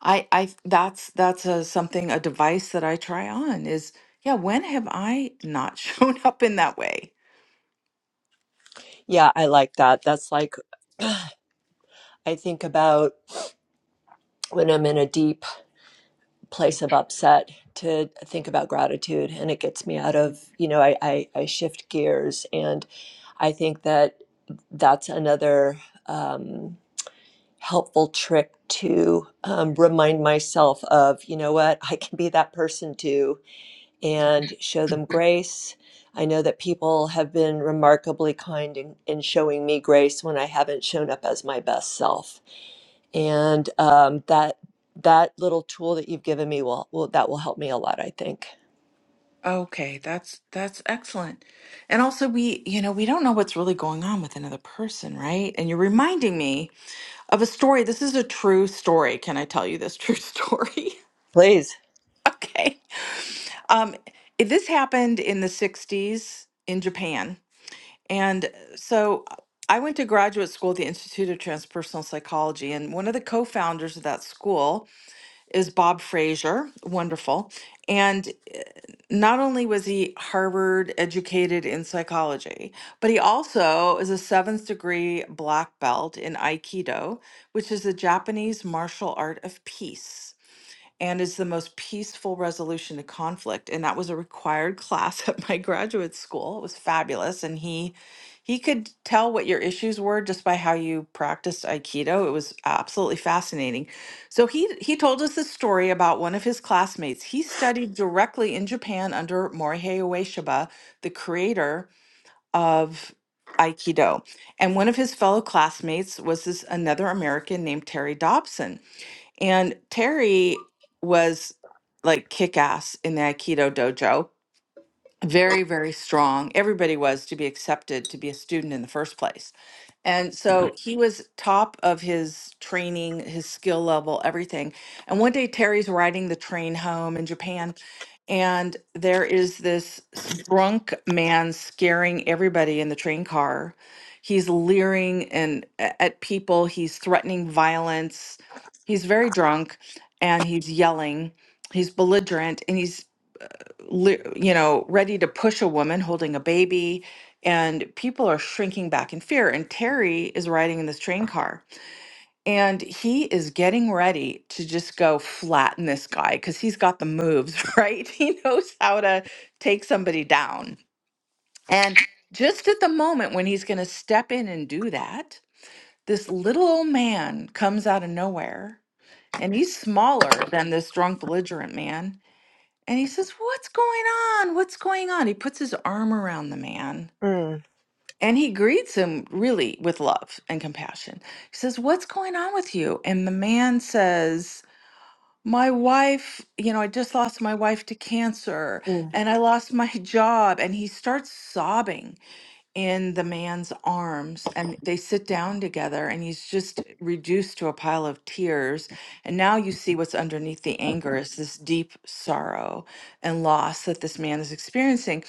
[SPEAKER 1] I I that's that's a something a device that I try on is yeah, when have I not shown up in that way?
[SPEAKER 5] Yeah. I like that. That's like, I think about when I'm in a deep place of upset to think about gratitude and it gets me out of, you know, I, I, I shift gears. And I think that that's another. Um, helpful trick to um, remind myself of, you know what, I can be that person too and show them grace. I know that people have been remarkably kind in, in showing me grace when I haven't shown up as my best self. And um, that that little tool that you've given me will, will that will help me a lot, I think.
[SPEAKER 1] Okay, that's that's excellent. And also we, you know, we don't know what's really going on with another person, right? And you're reminding me of a story. This is a true story. Can I tell you this true story?
[SPEAKER 5] Please.
[SPEAKER 1] okay. Um, it- this happened in the 60s in Japan And uh, so I went to graduate school at the Institute of Transpersonal Psychology, and one of the co founders of that school is Bob Frazier. Wonderful. And eh, not only was he Harvard educated in psychology, but he also is a seventh degree black belt in Aikido, which is the Japanese martial art of peace and is the most peaceful resolution to conflict and that was a required class at my graduate school it was fabulous and he he could tell what your issues were just by how you practiced aikido it was absolutely fascinating so he he told us this story about one of his classmates he studied directly in japan under morihei ueshiba the creator of aikido and one of his fellow classmates was this another american named terry dobson and Terry was like kick ass in the Aikido dojo very, very strong. Everybody was to be accepted to be a student in the first place. And so he was top of his training, his skill level, everything. And one day Terry's riding the train home in Japan, and there is this s- drunk man scaring everybody in the train car. He's leering and a- at people, he's threatening violence. He's very drunk and he's yelling. He's belligerent and he's li- you know, ready to push a woman holding a baby. And people are shrinking back in fear. And Terry is riding in this train car and he is getting ready to just go flatten this guy because he's got the moves, right? He knows how to take somebody down. And just at the moment when he's going to step in and do that, this little old man comes out of nowhere and he's smaller than this drunk, belligerent man and he says, What's going on? What's going on? He puts his arm around the man
[SPEAKER 5] Mm,
[SPEAKER 1] and he greets him really with love and compassion. He says, What's going on with you? And the man says, My wife, you know, I just lost my wife to cancer
[SPEAKER 5] mm.
[SPEAKER 1] and I lost my job. And he starts sobbing in the man's arms and they sit down together and he's just reduced to a pile of tears and now you see what's underneath the anger is this deep sorrow and loss that this man is experiencing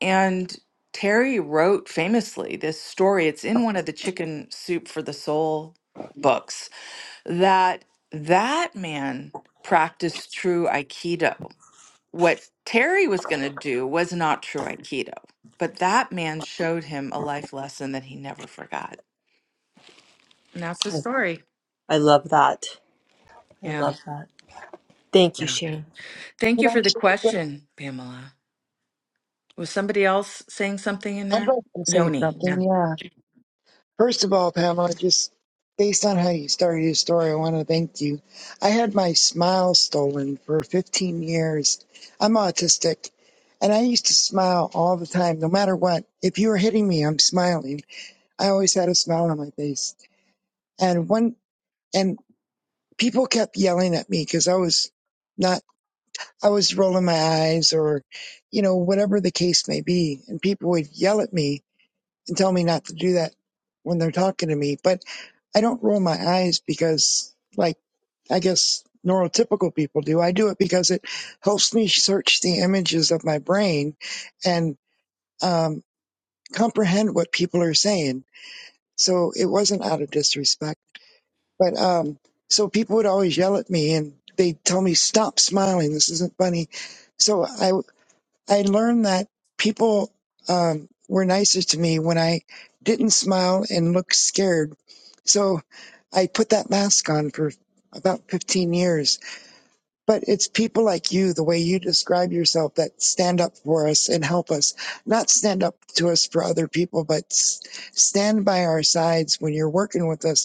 [SPEAKER 1] and Terry wrote famously this story. It's in one of the Chicken Soup for the Soul books that that man practiced true Aikido what Terry was going to do was not true Aikido, but that man showed him a life lesson that he never forgot. And that's the story.
[SPEAKER 5] I love that. I
[SPEAKER 1] Yeah.
[SPEAKER 5] love that. Thank you,
[SPEAKER 1] Yeah.
[SPEAKER 5] Sharon.
[SPEAKER 1] Thank
[SPEAKER 3] But
[SPEAKER 1] you for the
[SPEAKER 3] actually,
[SPEAKER 1] question, Pamela. Was somebody else saying something in
[SPEAKER 3] I'd
[SPEAKER 1] there?
[SPEAKER 3] like to say
[SPEAKER 1] Yoni. Yeah.
[SPEAKER 3] something. Yeah. First of all, Pamela, just based on how you started your story, I want to thank you. I had my smile stolen for 15 years. I'm autistic, and I used to smile all the time, no matter what. If you were hitting me, I'm smiling. I always had a smile on my face. And one, and people kept yelling at me because I was not, I was rolling my eyes or, you know, whatever the case may be. And people would yell at me and tell me not to do that when they're talking to me. But I don't roll my eyes because, like, I guess neurotypical people do. I do it because it helps me search the images of my brain and um, comprehend what people are saying. So it wasn't out of disrespect, but um, so people would always yell at me and they would tell me, "Stop smiling. This isn't funny." So I I learned that people um, were nicer to me when I didn't smile and look scared. So I put that mask on for about 15 years. But it's people like you, the way you describe yourself, that stand up for us and help us. Not stand up to us for other people, but s- stand by our sides when you're working with us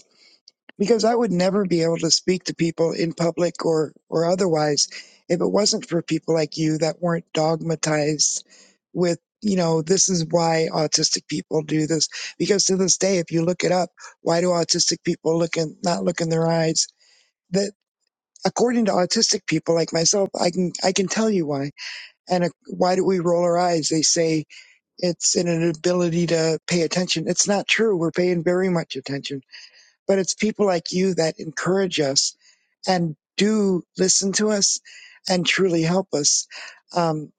[SPEAKER 3] because I would never be able to speak to people in public or or otherwise if it wasn't for people like you that weren't dogmatized with you know this is why autistic people do this because to this day if you look it up why do autistic people look in not look in their eyes that according to autistic people like myself i can i can tell you why and uh, why do we roll our eyes they say it's an inability to pay attention it's not true we're paying very much attention but it's people like you that encourage us and do listen to us and truly help us. Um,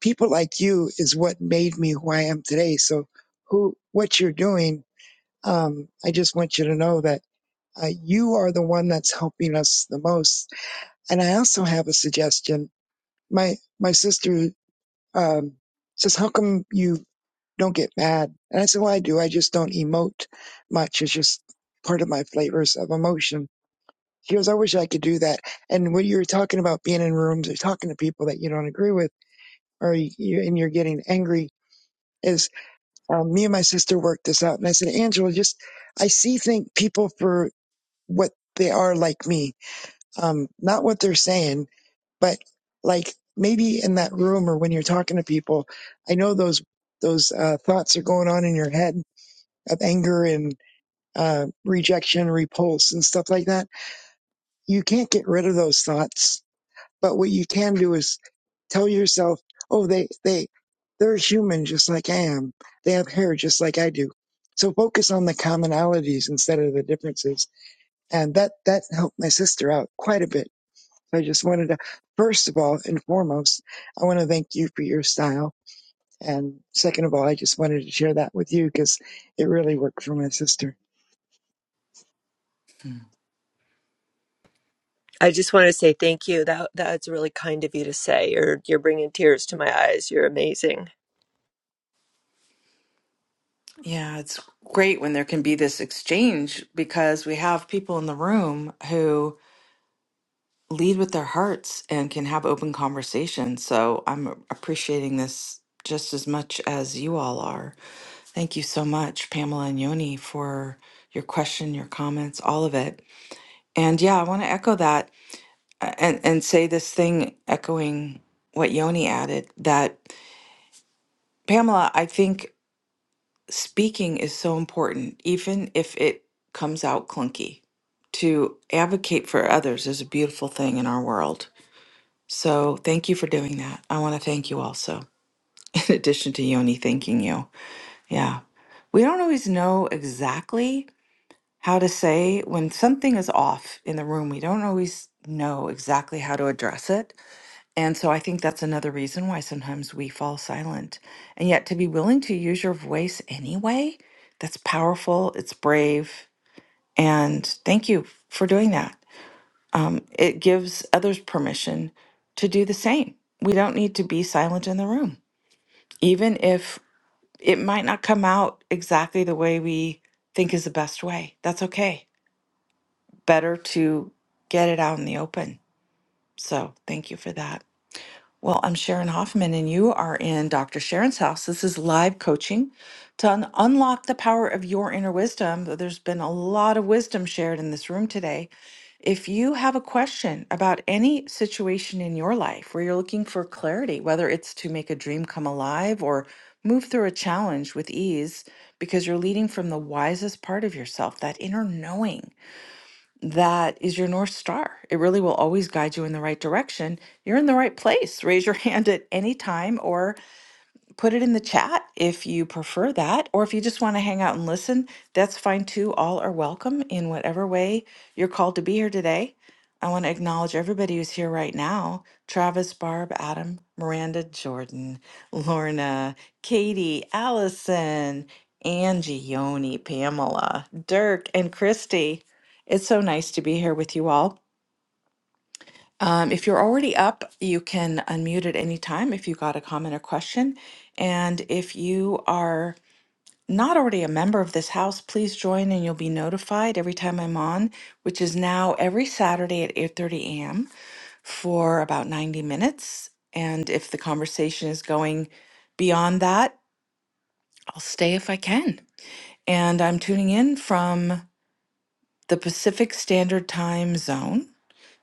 [SPEAKER 3] people like you is what made me who I am today. So, who, what you're doing, um, I just want you to know that uh, you are the one that's helping us the most. And I also have a suggestion. My my sister um, says, "How come you don't get mad?" And I said, "Well, I do. I just don't emote much. It's just part of my flavors of emotion." She goes, I wish I could do that. And when you're talking about being in rooms or talking to people that you don't agree with, or you, you- and you're getting angry, is um, me and my sister worked this out. And I said, Angela, just I see think people for what they are like me, um, not what they're saying, but like maybe in that room or when you're talking to people, I know those those uh, thoughts are going on in your head of anger and uh, rejection, repulse, and stuff like that. You can't get rid of those thoughts But what you can do is tell yourself, oh, they, they, they're human just like I am. They have hair just like I do. So focus on the commonalities instead of the differences. And that, that helped my sister out quite a bit. So I just wanted to, first of all and foremost, I want to thank you for your style. And second of all, I just wanted to share that with you because it really worked for my sister.
[SPEAKER 1] Hmm.
[SPEAKER 5] I just want to say thank you. That that's really kind of you to say. You're you're bringing tears to my eyes. You're amazing.
[SPEAKER 1] Yeah. It's great when there can be this exchange because we have people in the room who lead with their hearts and can have open conversations. So I'm appreciating this just as much as you all are. Thank you so much, Pamela and Yoni, for your question, your comments, all of it. And yeah, I want to echo that uh, and, and say this thing, echoing what Yoni added that Pamela, I think speaking is so important, even if it comes out clunky. To advocate for others is a beautiful thing in our world. So thank you for doing that. I want to thank you also, in addition to Yoni thanking you. Yeah. We don't always know exactly how to say when something is off in the room, we don't always know exactly how to address it. And so I think that's another reason why sometimes we fall silent. And yet to be willing to use your voice anyway, that's powerful, it's brave. And thank you for doing that. Um, it gives others permission to do the same. We don't need to be silent in the room, even if it might not come out exactly the way we think is the best way. That's okay better to get it out in the open. So thank you for that. Well, I'm Sharon Hoffman, and you are in Dr. Sharon's house. This is live coaching to un- unlock the power of your inner wisdom. There's been a lot of wisdom shared in this room today. If you have a question about any situation in your life where you're looking for clarity, whether it's to make a dream come alive or move through a challenge with ease, because you're leading from the wisest part of yourself, that inner knowing that is your North Star. It really will always guide you in the right direction. You're in the right place. Raise your hand at any time or put it in the chat if you prefer that, or if you just want to hang out and listen, that's fine too. All are welcome in whatever way you're called to be here today. I want to acknowledge everybody who's here right now Travis, Barb, Adam, Miranda, Jordan, Lorna, Katie, Allison, Angie, Yoni, Pamela, Dirk, and Christy. It's so nice to be here with you all. Um, if you're already up, you can unmute at any time if you got a comment or question. And if you are not already a member of this house, please join and you'll be notified every time I'm on, which is now every Saturday at 8:30 a.m. for about 90 minutes. And if the conversation is going beyond that, I'll stay if I can. And I'm tuning in from the Pacific Standard Time zone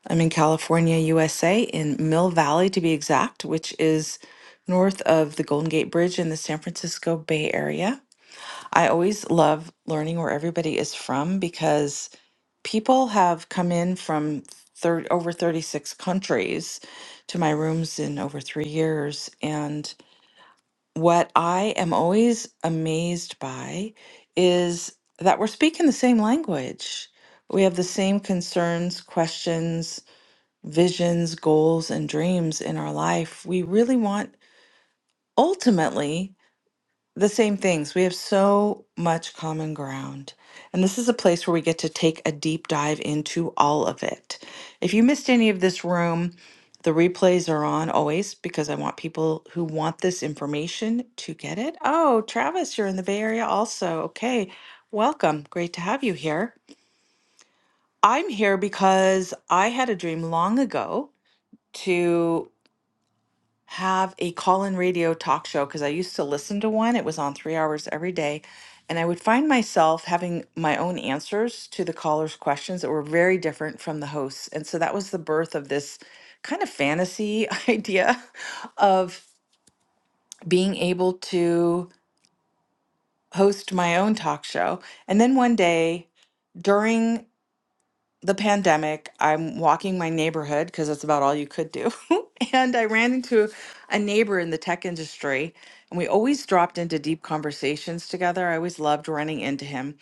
[SPEAKER 1] I'm in California, USA, in Mill Valley to be exact, which is north of the Golden Gate Bridge in the San Francisco Bay Area. I always love learning where everybody is from because people have come in from thir- over 36 countries to my rooms in over three years. And what I am always amazed by is that we're speaking the same language. We have the same concerns, questions, visions, goals, and dreams in our life, we really want ultimately the same things. We have so much common ground. And this is a place where we get to take a deep dive into all of it. If you missed any of this room, the replays are on always because I want people who want this information to get it. Oh, Travis, you're in the Bay Area also. Okay. Welcome. Great to have you here. I'm here because I had a dream long ago to. have a call-in radio talk show because I used to listen to one. It was on three hours every day. And I would find myself having my own answers to the callers' questions that were very different from the hosts. And so that was the birth of this kind of fantasy idea of being able to host my own talk show. And then one day, during the pandemic, I'm walking my neighborhood because that's about all you could do. and I ran into a neighbor in the tech industry, and we always dropped into deep conversations together. I always loved running into him.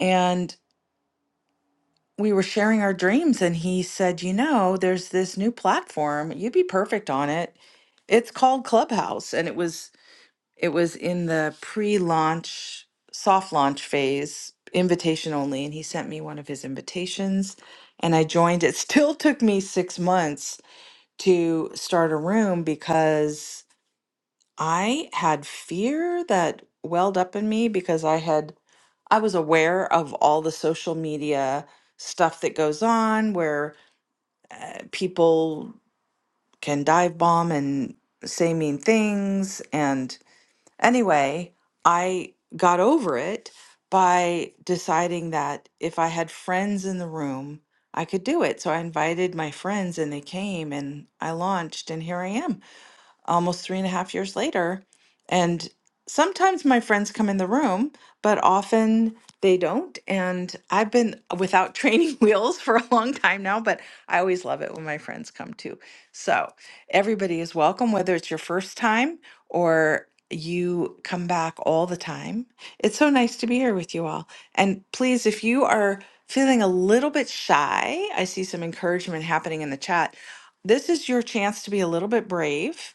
[SPEAKER 1] And we were sharing our dreams, and he said, You know, there's this new platform. You'd be perfect on it. It's called Clubhouse. And it was it was in the pre-launch, soft launch phase, invitation only, and he sent me one of his invitations and I joined. It still took me 6 months to start a room because I had fear that welled up in me because I had I was aware of all the social media stuff that goes on where people can dive bomb and say mean things and Anyway, I got over it by deciding that if I had friends in the room, I could do it. So I invited my friends and they came and I launched, and here I am almost three and a half years later. And sometimes my friends come in the room, but often they don't. And I've been without training wheels for a long time now, but I always love it when my friends come too. So everybody is welcome, whether it's your first time or you come back all the time. It's so nice to be here with you all. And please, if you are feeling a little bit shy, I see some encouragement happening in the chat. This is your chance to be a little bit brave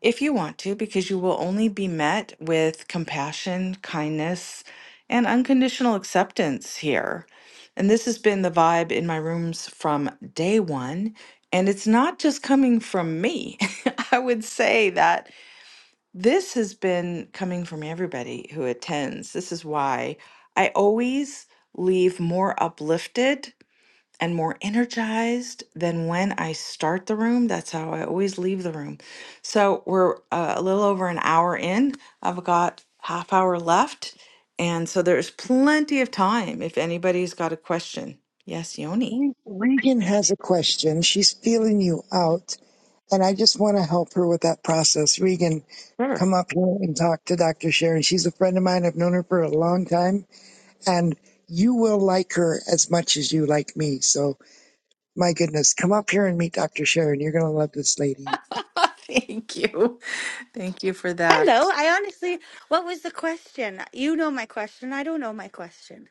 [SPEAKER 1] if you want to, because you will only be met with compassion, kindness, and unconditional acceptance here. And this has been the vibe in my rooms from day one. And it's not just coming from me. I would say that this has been coming from everybody who attends. This is why I always leave more uplifted and more energized than when I start the room. That's how I always leave the room. So we're uh, a little over an hour in. I've got half hour left. And so there's plenty of time if anybody's got a question. Yes, Yoni.
[SPEAKER 3] Re- Regan has a question. She's feeling you out And I just want to help her with that process. Regan,
[SPEAKER 1] Sure.
[SPEAKER 3] come up here and talk to Dr. Sharon. She's a friend of mine. I've known her for a long time. And you will like her as much as you like me. So, my goodness, come up here and meet Dr. Sharon. You're going to love this lady.
[SPEAKER 1] Thank you. Thank you for that.
[SPEAKER 6] Hello. I honestly, what was the question? You know my question. I don't know my question.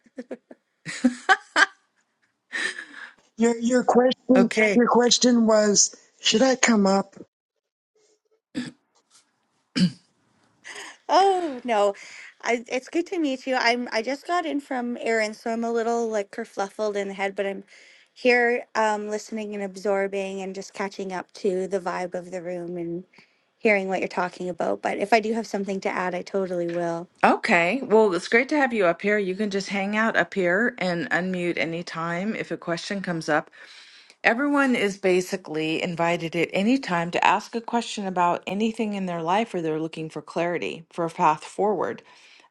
[SPEAKER 3] Your, your question
[SPEAKER 1] Okay.
[SPEAKER 3] your question was should I come up?
[SPEAKER 6] Oh no, I, it's good to meet you. I'm. I just got in from errands, so I'm a little like kerfluffled in the head, but I'm here, um, listening and absorbing and just catching up to the vibe of the room and hearing what you're talking about. But if I do have something to add, I totally will.
[SPEAKER 1] Okay. Well, it's great to have you up here. You can just hang out up here and unmute anytime if a question comes up. Everyone is basically invited at any time to ask a question about anything in their life or they're looking for clarity, for a path forward.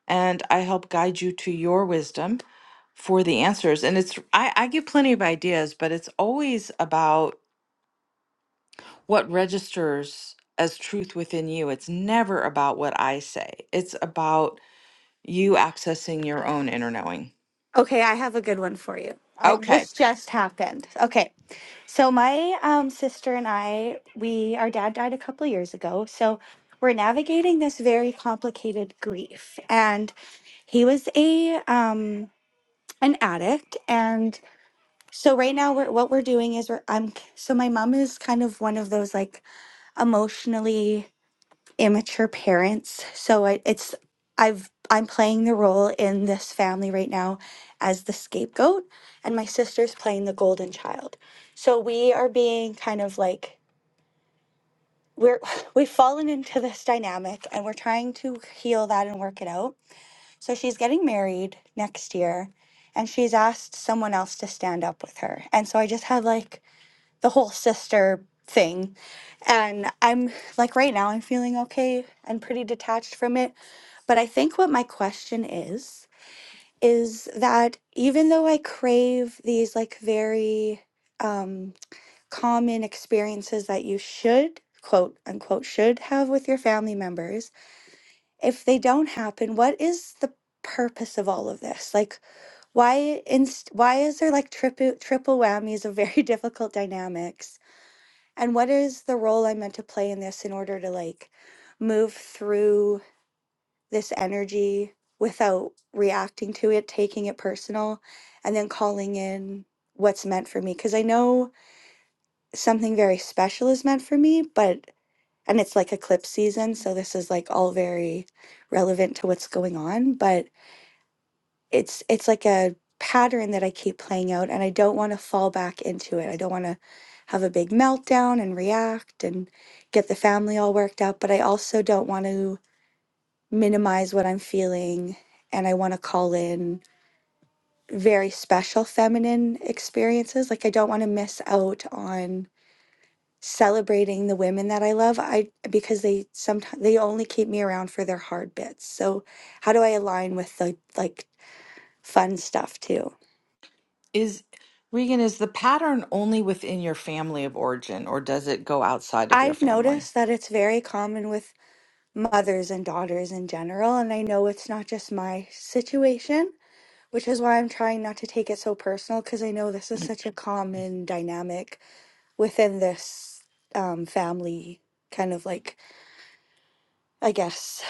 [SPEAKER 1] And I help guide you to your wisdom for the answers. And it's, I, I give plenty of ideas, but it's always about what registers as truth within you. It's never about what I say, it's about you accessing your own inner knowing.
[SPEAKER 6] Okay, I have a good one for you. I,
[SPEAKER 1] Okay.
[SPEAKER 6] this just happened. Okay, so my um, sister and I, we our dad died a couple years ago, so we're navigating this very complicated grief. And he was a um, an addict, and so right now we're, what we're doing is we're I'm so my mom is kind of one of those like emotionally immature parents. So I, it's I've I'm playing the role in this family right now as the scapegoat, and my sister's playing the golden child. So we are being kind of like we're we've fallen into this dynamic, and we're trying to heal that and work it out. So she's getting married next year, and she's asked someone else to stand up with her, and so I just had like the whole sister thing and i'm like right now i'm feeling okay and pretty detached from it but I think what my question is is that even though I crave these like very um, common experiences that you should quote unquote should have with your family members, if they don't happen, what is the purpose of all of this? Like, why inst- why is there like triple triple whammies of very difficult dynamics? And what is the role I'm meant to play in this in order to like move through? this energy without reacting to it, taking it personal, and then calling in what's meant for me. Because I know something very special is meant for me, but, and it's like eclipse season. So this is like all very relevant to what's going on, but it's, it's like a pattern that I keep playing out and I don't want to fall back into it. I don't want to have a big meltdown and react and get the family all worked up, but I also don't want to minimize what I'm feeling and I want to call in very special feminine experiences. Like I don't want to miss out on celebrating the women that I love. I because they sometimes they only keep me around for their hard bits. So how do I align with the like fun stuff too?
[SPEAKER 1] Is Regan, is the pattern only within your family of origin, or does it go outside of your
[SPEAKER 6] I've
[SPEAKER 1] family?
[SPEAKER 6] noticed that it's very common with mothers and daughters in general and I know it's not just my situation, which is why I'm trying not to take it so personal because I know this is such a common dynamic within this um, family kind of like i guess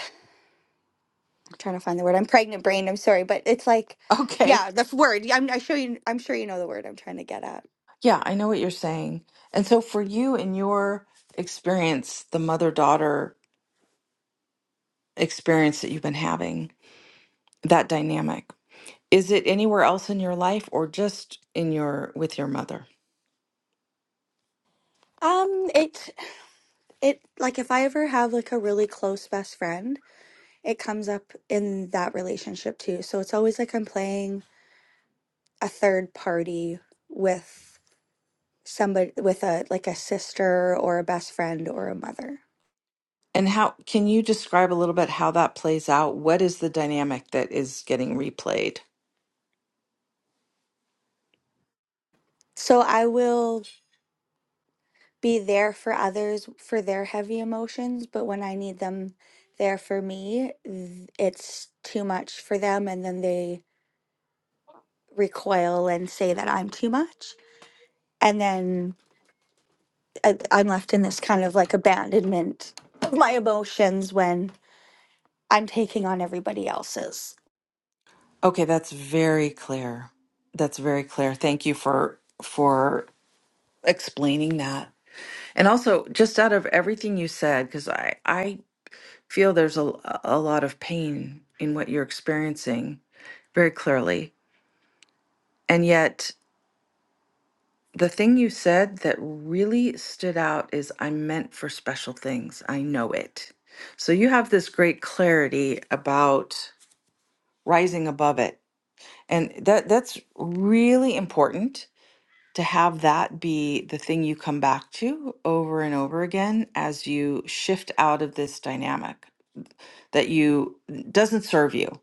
[SPEAKER 6] i'm trying to find the word i'm pregnant brain i'm sorry but it's like
[SPEAKER 1] Okay.
[SPEAKER 6] yeah the word yeah, i'm i sure you i'm sure you know the word i'm trying to get at
[SPEAKER 1] Yeah, I know what you're saying. And so for you in your experience, the mother-daughter experience that you've been having, that dynamic, is it anywhere else in your life or just in your with your mother?
[SPEAKER 6] um it it like if i ever have like a really close best friend it comes up in that relationship too so it's always like i'm playing a third party with somebody with a like a sister or a best friend or a mother
[SPEAKER 1] And how can you describe a little bit how that plays out? What is the dynamic that is getting replayed?
[SPEAKER 6] so i will be there for others for their heavy emotions, but when I need them there for me, th- it's too much for them. And then they recoil and say that I'm too much. And then I, I'm left in this kind of like abandonment of my emotions when I'm taking on everybody else's.
[SPEAKER 1] Okay, that's very clear. That's very clear. Thank you for for explaining that. And also, just out of everything you said, because I I feel there's a a lot of pain in what you're experiencing very clearly, and yet the thing you said that really stood out is I'm meant for special things. I know it. So you have this great clarity about rising above it, and that that's really important to have that be the thing you come back to over and over again as you shift out of this dynamic that you doesn't serve you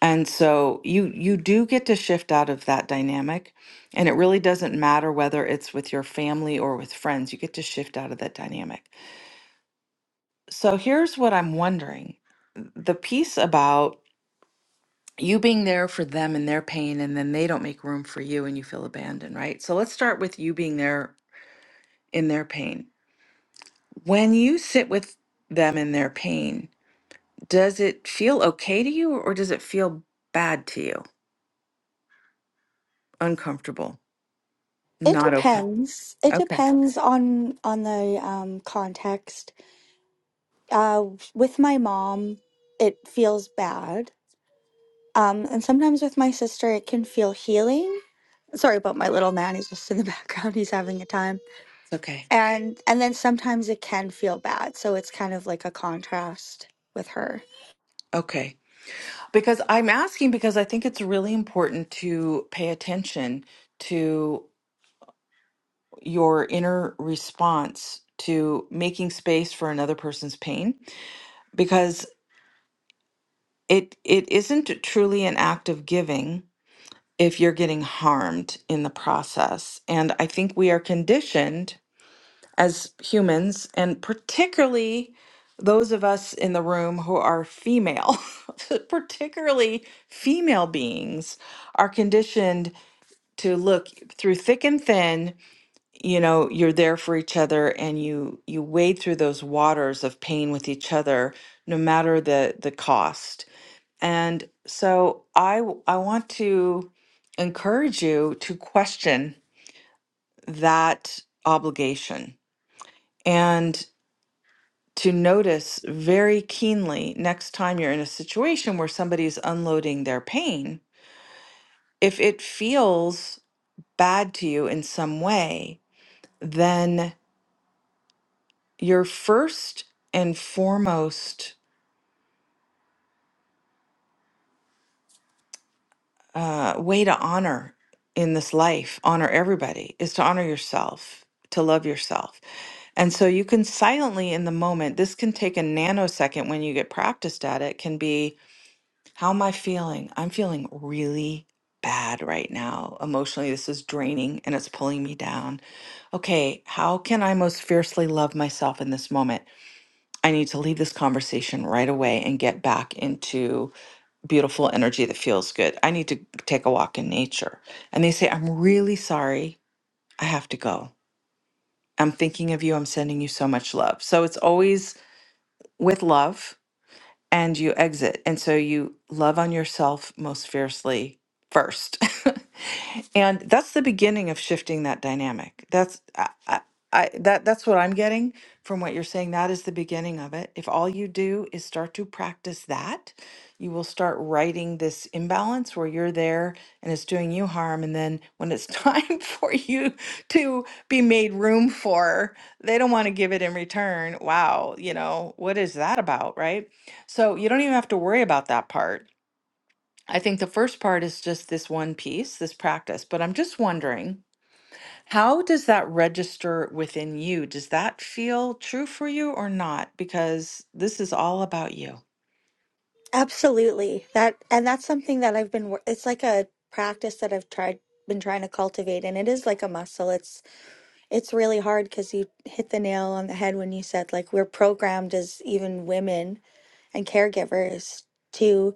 [SPEAKER 1] and so you you do get to shift out of that dynamic and it really doesn't matter whether it's with your family or with friends you get to shift out of that dynamic so here's what i'm wondering the piece about you being there for them and their pain and then they don't make room for you and you feel abandoned right so let's start with you being there in their pain When you sit with them in their pain, does it feel okay to you or does it feel bad to you? Uncomfortable.
[SPEAKER 6] It
[SPEAKER 1] Not okay.
[SPEAKER 6] depends. It
[SPEAKER 1] Okay.
[SPEAKER 6] depends on on the um, context. Uh, with my mom, it feels bad Um, and sometimes with my sister, it can feel healing. Sorry about my little man; he's just in the background. He's having a time,
[SPEAKER 1] It's okay.
[SPEAKER 6] and and then sometimes it can feel bad. So it's kind of like a contrast with her.
[SPEAKER 1] Okay. Because I'm asking because I think it's really important to pay attention to your inner response to making space for another person's pain because it it isn't truly an act of giving if you're getting harmed in the process. And I think we are conditioned as humans, and particularly those of us in the room who are female, particularly female beings, are conditioned to look through thick and thin. You know, you're there for each other, and you you wade through those waters of pain with each other, no matter the the cost. And so, I w- I want to encourage you to question that obligation. to notice very keenly next time you're in a situation where somebody's unloading their pain. If it feels bad to you in some way, then your first and foremost uh, way to honor in this life, honor everybody, is to honor yourself, to love yourself. And so you can silently in the moment, this can take a nanosecond when you get practiced at it, can be How am I feeling? I'm feeling really bad right now. Emotionally, this is draining and it's pulling me down. Okay, how can I most fiercely love myself in this moment? I need to leave this conversation right away and get back into beautiful energy that feels good. I need to take a walk in nature. And they say, I'm really sorry. I have to go. I'm thinking of you. I'm sending you so much love. So it's always with love and you exit. And so you love on yourself most fiercely first. and that's the beginning of shifting that dynamic. That's I, I, I that that's what I'm getting from what you're saying. That is the beginning of it. If all you do is start to practice that, you will start righting this imbalance where you're there and it's doing you harm. And then when it's time for you to be made room for, they don't want to give it in return. Wow, you know, what is that about, right? So you don't even have to worry about that part. I think the first part is just this one piece, this practice. But I'm just wondering, how does that register within you? Does that feel true for you or not? Because this is all about you.
[SPEAKER 6] Absolutely, that and that's something that I've been. wor- It's like a practice that I've tried, been trying to cultivate, and it is like a muscle. It's it's really hard because you hit the nail on the head when you said like we're programmed as even women and caregivers to.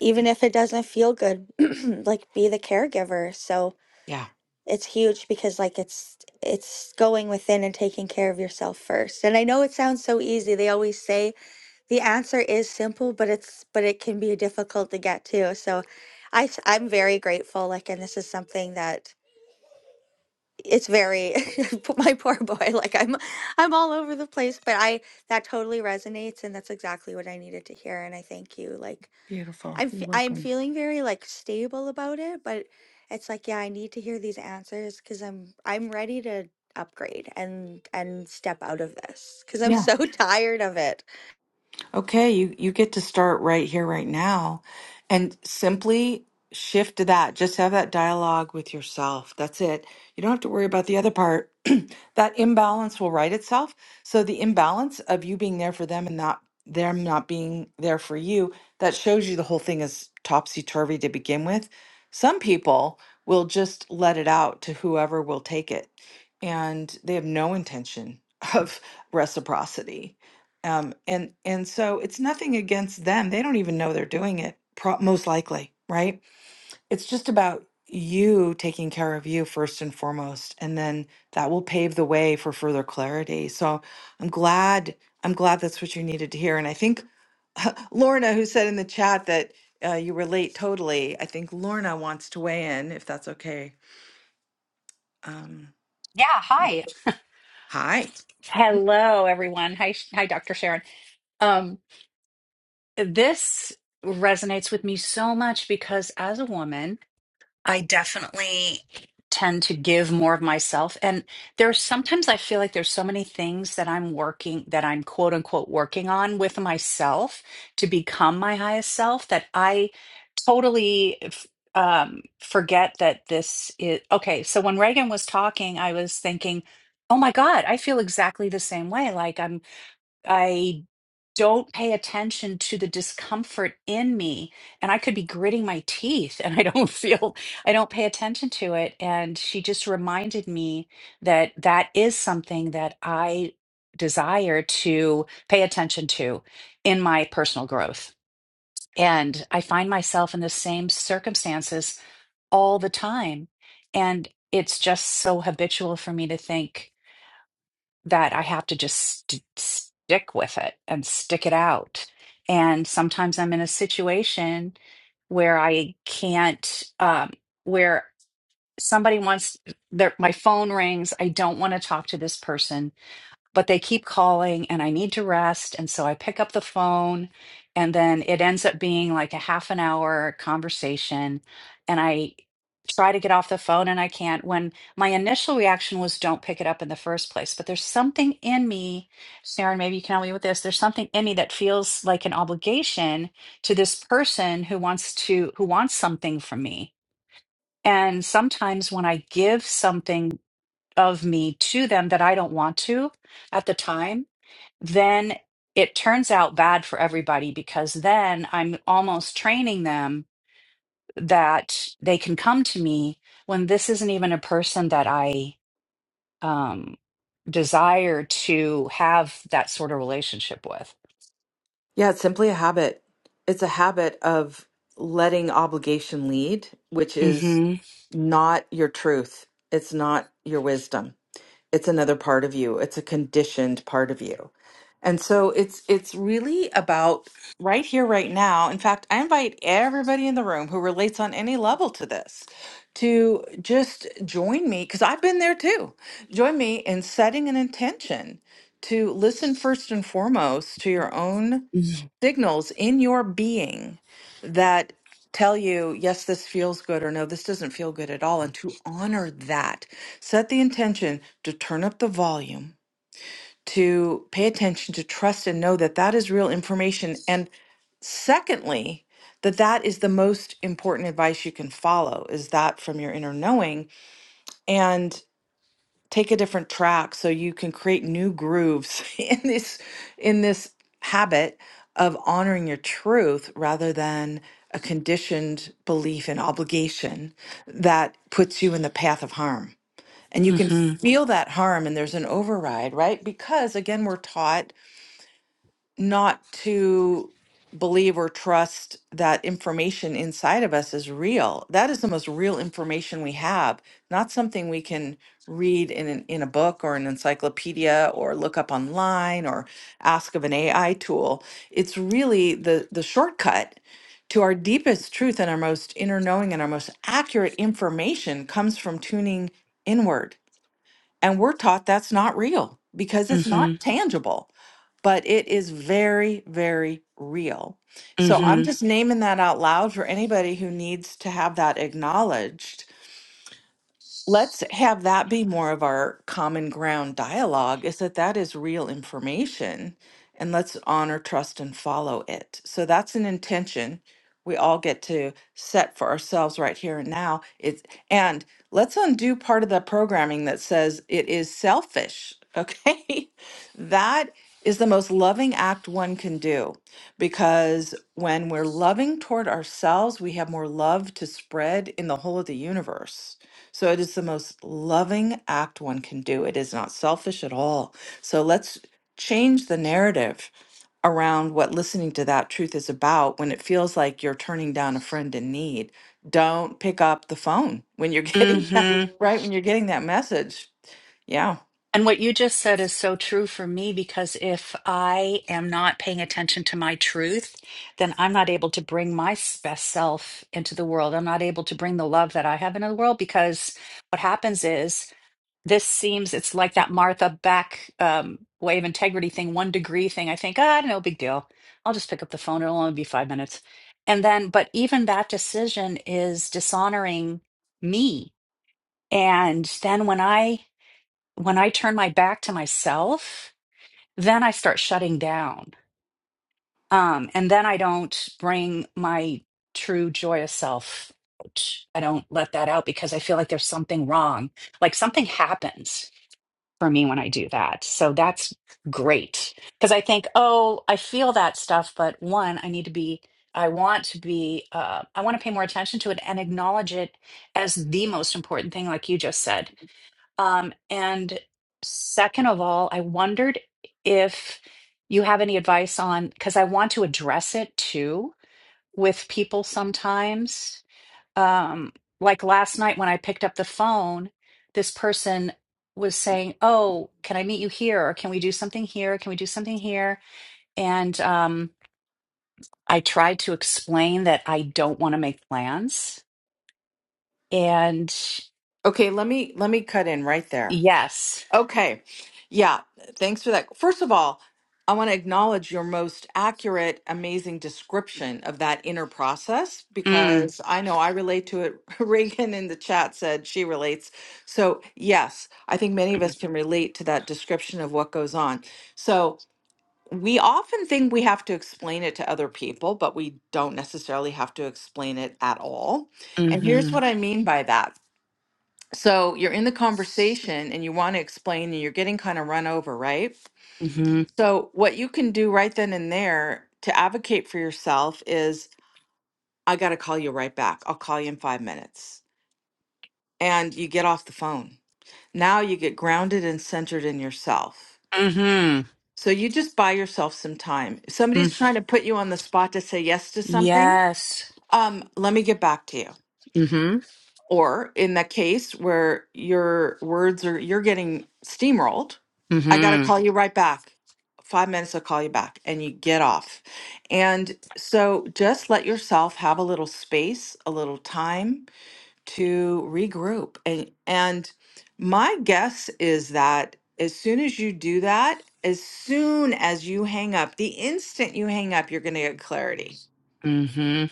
[SPEAKER 6] even if it doesn't feel good like be the caregiver so
[SPEAKER 1] Yeah.
[SPEAKER 6] it's huge because like it's it's going within and taking care of yourself first and i know it sounds so easy they always say the answer is simple but it's but it can be difficult to get to so i s- i'm very grateful like and this is something that it's very my poor boy like i'm i'm all over the place but i that totally resonates and that's exactly what i needed to hear and i thank you like
[SPEAKER 1] Beautiful.
[SPEAKER 6] I'm
[SPEAKER 1] You're
[SPEAKER 6] i I'm
[SPEAKER 1] welcome.
[SPEAKER 6] feeling very like stable about it, but it's like yeah, I need to hear these answers because I'm I'm ready to upgrade and and step out of this because I'm
[SPEAKER 1] Yeah.
[SPEAKER 6] so tired of it.
[SPEAKER 1] Okay, you, you get to start right here, right now, and simply shift to that. Just have that dialogue with yourself. That's it. You don't have to worry about the other part. that imbalance will right itself. So the imbalance of you being there for them and not them not being there for you, that shows you the whole thing is topsy turvy to begin with. Some people will just let it out to whoever will take it, and they have no intention of reciprocity um, and and so it's nothing against them. They don't even know they're doing it, pro- most likely, right? It's just about you taking care of you first and foremost, and then that will pave the way for further clarity. So I'm glad I'm glad that's what you needed to hear. And I think Lorna, who said in the chat that uh, you relate totally, I think Lorna wants to weigh in if that's okay. Um,
[SPEAKER 7] Yeah, hi. Hello, everyone. Hi, Sh- hi, Dr. Sharon. Um, this resonates with me so much because as a woman, I definitely tend to give more of myself. And there's sometimes I feel like there's so many things that I'm working, that I'm quote unquote working on with myself to become my highest self that I totally f- um, forget that this is okay. So when Reagan was talking, I was thinking, oh my God, I feel exactly the same way. Like I'm I don't pay attention to the discomfort in me and I could be gritting my teeth and I don't feel I don't pay attention to it and she just reminded me that that is something that I desire to pay attention to in my personal growth and I find myself in the same circumstances all the time and it's just so habitual for me to think that I have to just st- stick with it and stick it out. And sometimes I'm in a situation where I can't, um, where somebody wants their, my phone rings. I don't want to talk to this person but they keep calling and I need to rest. And so I pick up the phone and then it ends up being like a half an hour conversation. And I try to get off the phone and I can't. When my initial reaction was, don't pick it up in the first place. But there's something in me, Sharon, maybe you can help me with this. There's something in me that feels like an obligation to this person who wants to, who wants something from me. And sometimes when I give something of me to them that I don't want to at the time, then it turns out bad for everybody because then I'm almost training them that they can come to me when this isn't even a person that I um, desire to have that sort of relationship with.
[SPEAKER 1] Yeah, it's simply a habit. It's a habit of letting obligation lead, which is
[SPEAKER 7] Mm-hmm.
[SPEAKER 1] not your truth. It's not your wisdom. It's another part of you. It's a conditioned part of you. And so it's it's really about right here right now. In fact, I invite everybody in the room who relates on any level to this to just join me cuz I've been there too. Join me in setting an intention to listen first and foremost to your own signals in your being that tell you, yes, this feels good, or no, this doesn't feel good at all. And to honor that, set the intention to turn up the volume, to pay attention, to trust and know that that is real information. And secondly, that that is the most important advice you can follow is that from your inner knowing and take a different track so you can create new grooves in this in this habit of honoring your truth rather than a conditioned belief in obligation that puts you in the path of harm and you can
[SPEAKER 7] Mm-hmm.
[SPEAKER 1] feel that harm and there's an override right because again we're taught not to believe or trust that information inside of us is real. That is the most real information we have, not something we can read in an, in a book or an encyclopedia or look up online or ask of an AI tool. It's really the the shortcut to our deepest truth and our most inner knowing and our most accurate information comes from tuning inward and we're taught that's not real because it's Mhm.
[SPEAKER 7] Mm-hmm.
[SPEAKER 1] not tangible, but it is very, very real. So I'm
[SPEAKER 7] Mm-hmm.
[SPEAKER 1] just naming that out loud for anybody who needs to have that acknowledged let's have that be more of our common ground dialogue is that that is real information and let's honor trust and follow it so that's an intention we all get to set for ourselves right here and now it's and let's undo part of the programming that says it is selfish okay that is the most loving act one can do because when we're loving toward ourselves we have more love to spread in the whole of the universe so it is the most loving act one can do. It is not selfish at all. So let's change the narrative around what listening to that truth is about when it feels like you're turning down a friend in need. Don't pick up the phone when you're getting
[SPEAKER 7] Mm-hmm.
[SPEAKER 1] that, right when you're getting that message. Yeah.
[SPEAKER 7] And what you just said is so true for me because if I am not paying attention to my truth, then I'm not able to bring my s- best self into the world. I'm not able to bring the love that I have into the world because what happens is this seems it's like that Martha back um, way of integrity thing, one degree thing. I think, ah, no big deal. I'll just pick up the phone. It'll only be five minutes. And then, but even that decision is dishonoring me. And then when I when I turn my back to myself, then I start shutting down. Um, and then I don't bring my true joyous self. out. I don't let that out because I feel like there's something wrong. Like something happens for me when I do that. So that's great. Because I think, oh, I feel that stuff, but one, I need to be, I want to be, uh, I want to pay more attention to it and acknowledge it as the most important thing, like you just said um, and second of all, I wondered if you have any advice on, because I want to address it too with people sometimes. Um, like last night when I picked up the phone, this person was saying, Oh, can I meet you here? Or can we do something here? Can we do something here? And um, I tried to explain that I don't want to make plans. And
[SPEAKER 1] Okay, let me let me cut in right there.
[SPEAKER 7] yes.
[SPEAKER 1] Okay. Yeah. Thanks for that. First of all, I want to acknowledge your most accurate, amazing description of that inner process
[SPEAKER 7] Mm,
[SPEAKER 1] because I know I relate to it. Reagan in the chat said she relates. So, yes, I think many of us can relate to that description of what goes on. So, we often think we have to explain it to other people, but we don't necessarily have to explain it at all. And here's
[SPEAKER 7] mm-hmm.
[SPEAKER 1] what I mean by that so you're in the conversation and you want to explain and you're getting kind of run over, right?
[SPEAKER 7] Mm-hmm.
[SPEAKER 1] So what you can do right then and there to advocate for yourself is I got to call you right back. I'll call you in 5 minutes. And you get off the phone. Now you get grounded and centered in yourself.
[SPEAKER 7] Mm-hmm.
[SPEAKER 1] So you just buy yourself some time. If
[SPEAKER 7] Mm-hmm.
[SPEAKER 1] somebody's trying to put you on the spot to say yes to something,
[SPEAKER 7] Yes.
[SPEAKER 1] um let me get back to you
[SPEAKER 7] Mm-hmm.
[SPEAKER 1] Or in that case where your words are, you're getting steamrolled, I got to
[SPEAKER 7] Mm-hmm.
[SPEAKER 1] call you right back. Five minutes, I'll call you back. And you get off. And so just let yourself have a little space, a little time to regroup. And, and my guess is that as soon as you do that, as soon as you hang up, the instant you hang up, you're going to get clarity
[SPEAKER 7] Mm-hmm.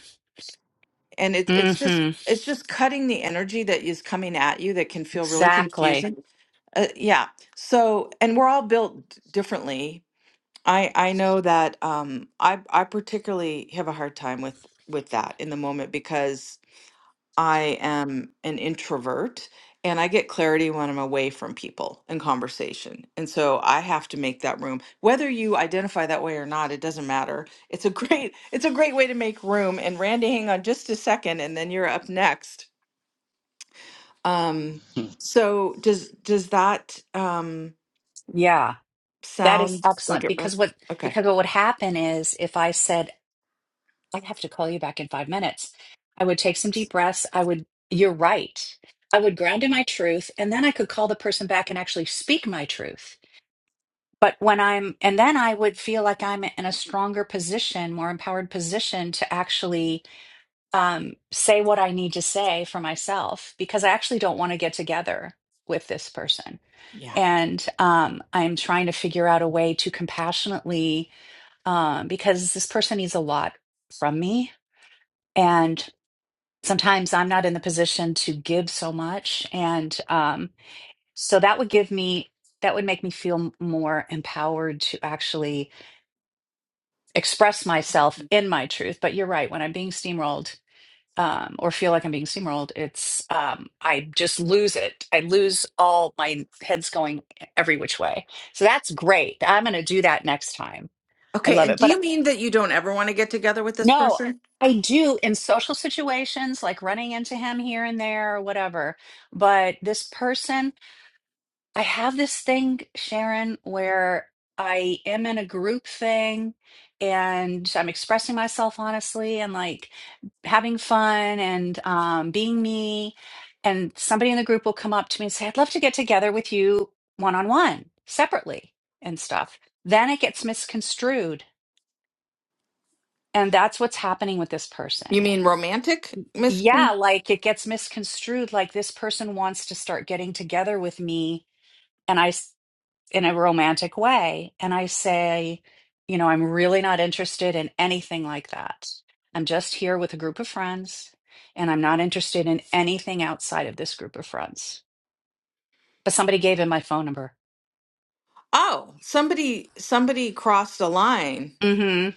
[SPEAKER 1] and it, it's just
[SPEAKER 7] Mm-hmm.
[SPEAKER 1] it's just cutting the energy that is coming at you that can feel really
[SPEAKER 7] Exactly.
[SPEAKER 1] confusing uh, yeah so and we're all built d- differently i i know that um i i particularly have a hard time with with that in the moment because I am an introvert and I get clarity when I'm away from people and conversation. And so I have to make that room. Whether you identify that way or not, it doesn't matter. It's a great it's a great way to make room. And Randy, hang on just a second and then you're up next. Um so does does that um
[SPEAKER 7] Yeah. That is
[SPEAKER 1] sound like
[SPEAKER 7] excellent.
[SPEAKER 1] it
[SPEAKER 7] Because
[SPEAKER 1] res-
[SPEAKER 7] what
[SPEAKER 1] okay.
[SPEAKER 7] because what would happen is if I said, I have to call you back in five minutes, I would take some deep breaths. I would, you're right. I would ground in my truth, and then I could call the person back and actually speak my truth. But when I'm, and then I would feel like I'm in a stronger position, more empowered position to actually um, say what I need to say for myself because I actually don't want to get together with this person.
[SPEAKER 1] Yeah.
[SPEAKER 7] And um, I'm trying to figure out a way to compassionately, um, because this person needs a lot from me. And sometimes I'm not in the position to give so much. And um, so that would give me, that would make me feel m- more empowered to actually express myself in my truth. But you're right, when I'm being steamrolled, um, or feel like I'm being steamrolled, it's um, I just lose it. I lose all my heads going every which way. So that's great. I'm going to do that next time. I
[SPEAKER 1] Okay,
[SPEAKER 7] love
[SPEAKER 1] and
[SPEAKER 7] it.
[SPEAKER 1] do
[SPEAKER 7] But
[SPEAKER 1] you
[SPEAKER 7] uh,
[SPEAKER 1] mean that you don't ever want to get together with this
[SPEAKER 7] no,
[SPEAKER 1] person?
[SPEAKER 7] I do in social situations like running into him here and there or whatever. But this person I have this thing, Sharon, where I am in a group thing and I'm expressing myself honestly and like having fun and um, being me. And somebody in the group will come up to me and say, I'd love to get together with you one on one, separately and stuff. Then it gets misconstrued. And that's what's happening with this
[SPEAKER 1] You
[SPEAKER 7] person.
[SPEAKER 1] mean romantic misconception?
[SPEAKER 7] Yeah, like it gets misconstrued. Like this person wants to start getting together with me. And I in a romantic way and I say, you know, I'm really not interested in anything like that. I'm just here with a group of friends and I'm not interested in anything outside of this group of friends. But somebody gave him my phone number.
[SPEAKER 1] Oh, somebody somebody crossed a line,
[SPEAKER 7] Mhm.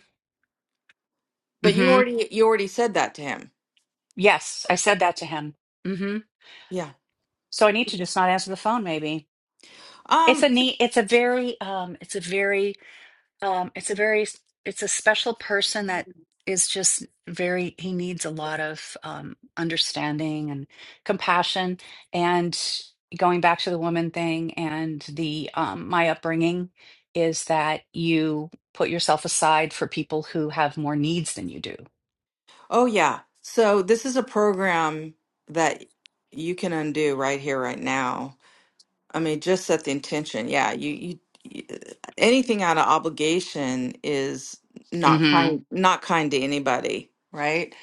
[SPEAKER 1] but you
[SPEAKER 7] Mhm.
[SPEAKER 1] already you already said that to him.
[SPEAKER 7] Yes, I said that to him. Mhm.
[SPEAKER 1] Yeah.
[SPEAKER 7] So I need to just not answer the phone maybe. It's a
[SPEAKER 1] Um,
[SPEAKER 7] neat it's a very um it's a very Um, it's a very, it's a special person that is just very, he needs a lot of um, understanding and compassion. And going back to the woman thing and the um, my upbringing is that you put yourself aside for people who have more needs than you do.
[SPEAKER 1] oh yeah. So this is a program that you can undo right here, right now. I mean, just set the intention. Yeah, you, you, you anything out of obligation is not
[SPEAKER 7] hmm
[SPEAKER 1] kind, not kind to anybody, right?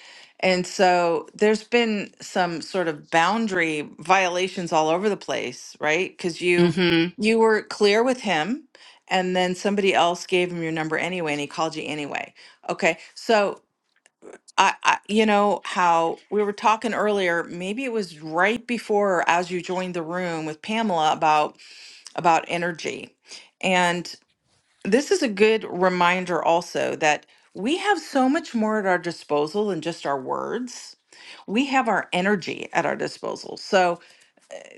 [SPEAKER 1] And so there's been some sort of boundary violations all over the place, right? Because you
[SPEAKER 7] hmm
[SPEAKER 1] you were clear with him, and then somebody else gave him your number anyway, and he called you anyway. Okay, so. I, I, you know how we were talking earlier, maybe it was right before or as you joined the room with Pamela about about energy. And this is a good reminder also that we have so much more at our disposal than just our words. We have our energy at our disposal. So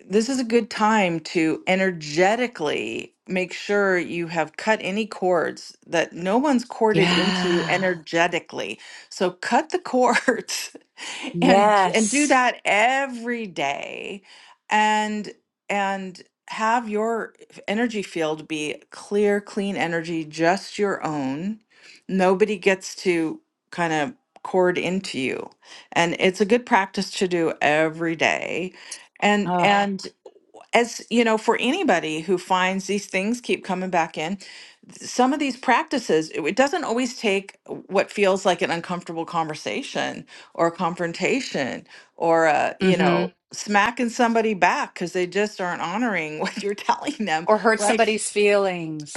[SPEAKER 1] this is a good time to energetically make sure you have cut any cords that no one's corded into you
[SPEAKER 7] Yeah.
[SPEAKER 1] energetically. So cut the cords and and do
[SPEAKER 7] Yes.
[SPEAKER 1] that every day and and have your energy field be clear, clean energy, just your own. Nobody gets to kind of cord into you. And it's a good practice to do every day. And
[SPEAKER 7] Oh.
[SPEAKER 1] Yeah as you know for anybody who finds these things keep coming back in th- some of these practices it it doesn't always take what feels like an uncomfortable conversation or confrontation or a you
[SPEAKER 7] hmm
[SPEAKER 1] know smacking somebody back because they just aren't honoring what you're telling them
[SPEAKER 7] Or hurt
[SPEAKER 1] right
[SPEAKER 7] somebody's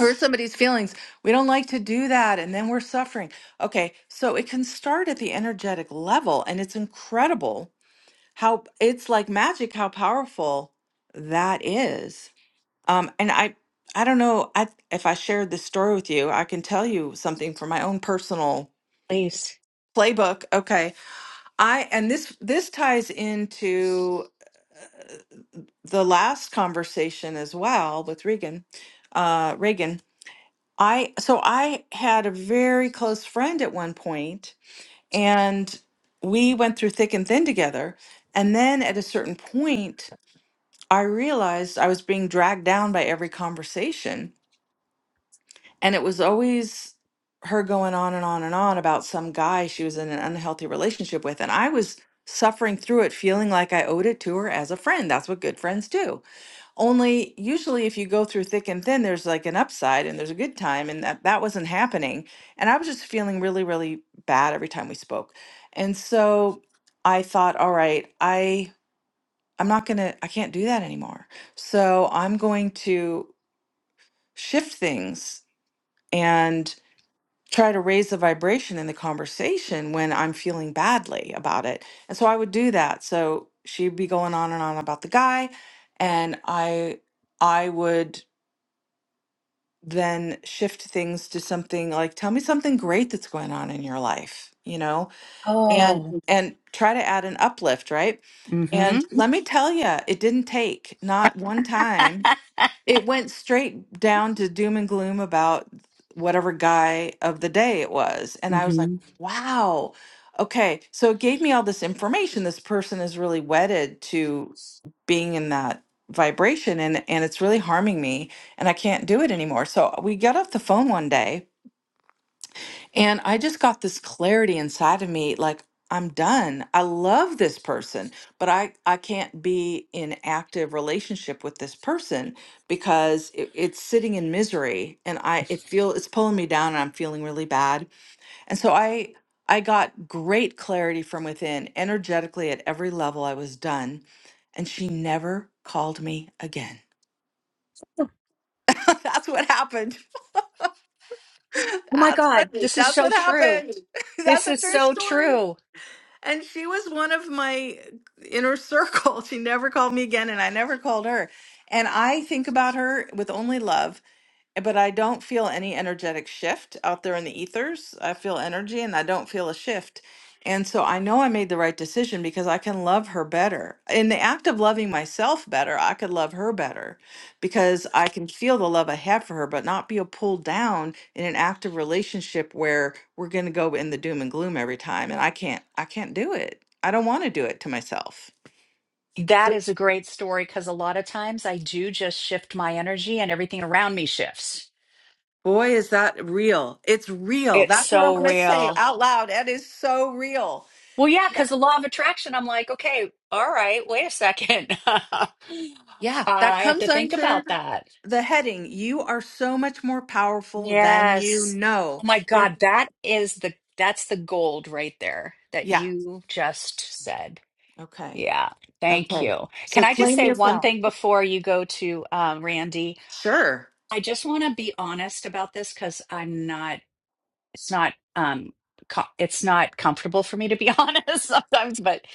[SPEAKER 1] hurt somebody's feelings we don't like to do that and then we're suffering okay so it can start at the energetic level and it's incredible how it's like magic how powerful that is um, and I, I don't know I, if I shared this story with you. I can tell you something from my own personal
[SPEAKER 7] please.
[SPEAKER 1] playbook. Okay, I and this this ties into the last conversation as well with Regan. Uh, Reagan, I so I had a very close friend at one point, and we went through thick and thin together. And then at a certain point, I realized I was being dragged down by every conversation And it was always her going on and on and on about some guy she was in an unhealthy relationship with. And I was suffering through it, feeling like I owed it to her as a friend. That's what good friends do. Only usually, if you go through thick and thin, there's like an upside and there's a good time. And that, that wasn't happening. And I was just feeling really, really bad every time we spoke. And so I thought, all right, I. I'm not going to, I can't do that anymore. So I'm going to shift things and try to raise the vibration in the conversation when I'm feeling badly about it. And so I would do that. So she'd be going on and on about the guy and I I would then shift things to something like tell me something great that's going on in your life, you know? Yeah. And
[SPEAKER 7] Oh.
[SPEAKER 1] and try to add an uplift, right? Yeah.
[SPEAKER 7] hmm
[SPEAKER 1] And let me tell you, it didn't take not one time it went straight down to doom and gloom about whatever guy of the day it was. And I was like,
[SPEAKER 7] hmm
[SPEAKER 1] wow. Okay. So it gave me all this information. This person is really wedded to being in that vibration and and it's really harming me and I can't do it anymore. So we got off the phone one day and I just got this clarity inside of me like I'm done. I love this person, but I I can't be in active relationship with this person because it, it's sitting in misery and I it feel it's pulling me down and I'm feeling really bad. And so I I got great clarity from within, energetically at every level I was done, and she never called me again. That's what happened.
[SPEAKER 7] Oh my
[SPEAKER 1] That's
[SPEAKER 7] God,
[SPEAKER 1] what
[SPEAKER 7] this is
[SPEAKER 1] that's
[SPEAKER 7] so
[SPEAKER 1] what
[SPEAKER 7] true.
[SPEAKER 1] happened. That's
[SPEAKER 7] This
[SPEAKER 1] a
[SPEAKER 7] is
[SPEAKER 1] true
[SPEAKER 7] so
[SPEAKER 1] story.
[SPEAKER 7] true.
[SPEAKER 1] And she was one of my inner circle. She never called me again, and I never called her. And I think about her with only love but I don't feel any energetic shift out there in the ethers. I feel energy and I don't feel a shift. And so I know I made the right decision because I can love her better. In the act of loving myself better, I could love her better because I can feel the love I have for her, but not be a pulled down in an active relationship where we're going to go in the doom and gloom every time. And I can't, I can't do it. I don't want to do it to myself.
[SPEAKER 7] That is a great story because a lot of times I do just shift my energy and everything around me shifts.
[SPEAKER 1] Boy, is that real. It's real.
[SPEAKER 7] It's
[SPEAKER 1] That's what I'm
[SPEAKER 7] so
[SPEAKER 1] going to say
[SPEAKER 7] real.
[SPEAKER 1] out loud. That is so real.
[SPEAKER 7] Well, yeah, because the law of attraction, I'm like, okay, all right, wait a second. I
[SPEAKER 1] Yeah, that
[SPEAKER 7] have to
[SPEAKER 1] comes
[SPEAKER 7] think
[SPEAKER 1] under
[SPEAKER 7] about that.
[SPEAKER 1] the heading. You are so much more powerful than you
[SPEAKER 7] Yes.
[SPEAKER 1] know.
[SPEAKER 7] Oh my
[SPEAKER 1] You're,
[SPEAKER 7] God, that is the that's the gold right there that
[SPEAKER 1] yeah.
[SPEAKER 7] you just said.
[SPEAKER 1] Okay.
[SPEAKER 7] Yeah, thank
[SPEAKER 1] Okay.
[SPEAKER 7] you. Can
[SPEAKER 1] So
[SPEAKER 7] I just
[SPEAKER 1] claim
[SPEAKER 7] say
[SPEAKER 1] your
[SPEAKER 7] one
[SPEAKER 1] power.
[SPEAKER 7] thing before you go to um, Randy?
[SPEAKER 1] Sure.
[SPEAKER 7] I just want to be honest about this because I'm not. It's not. Um, co- it's not comfortable for me to be honest sometimes. But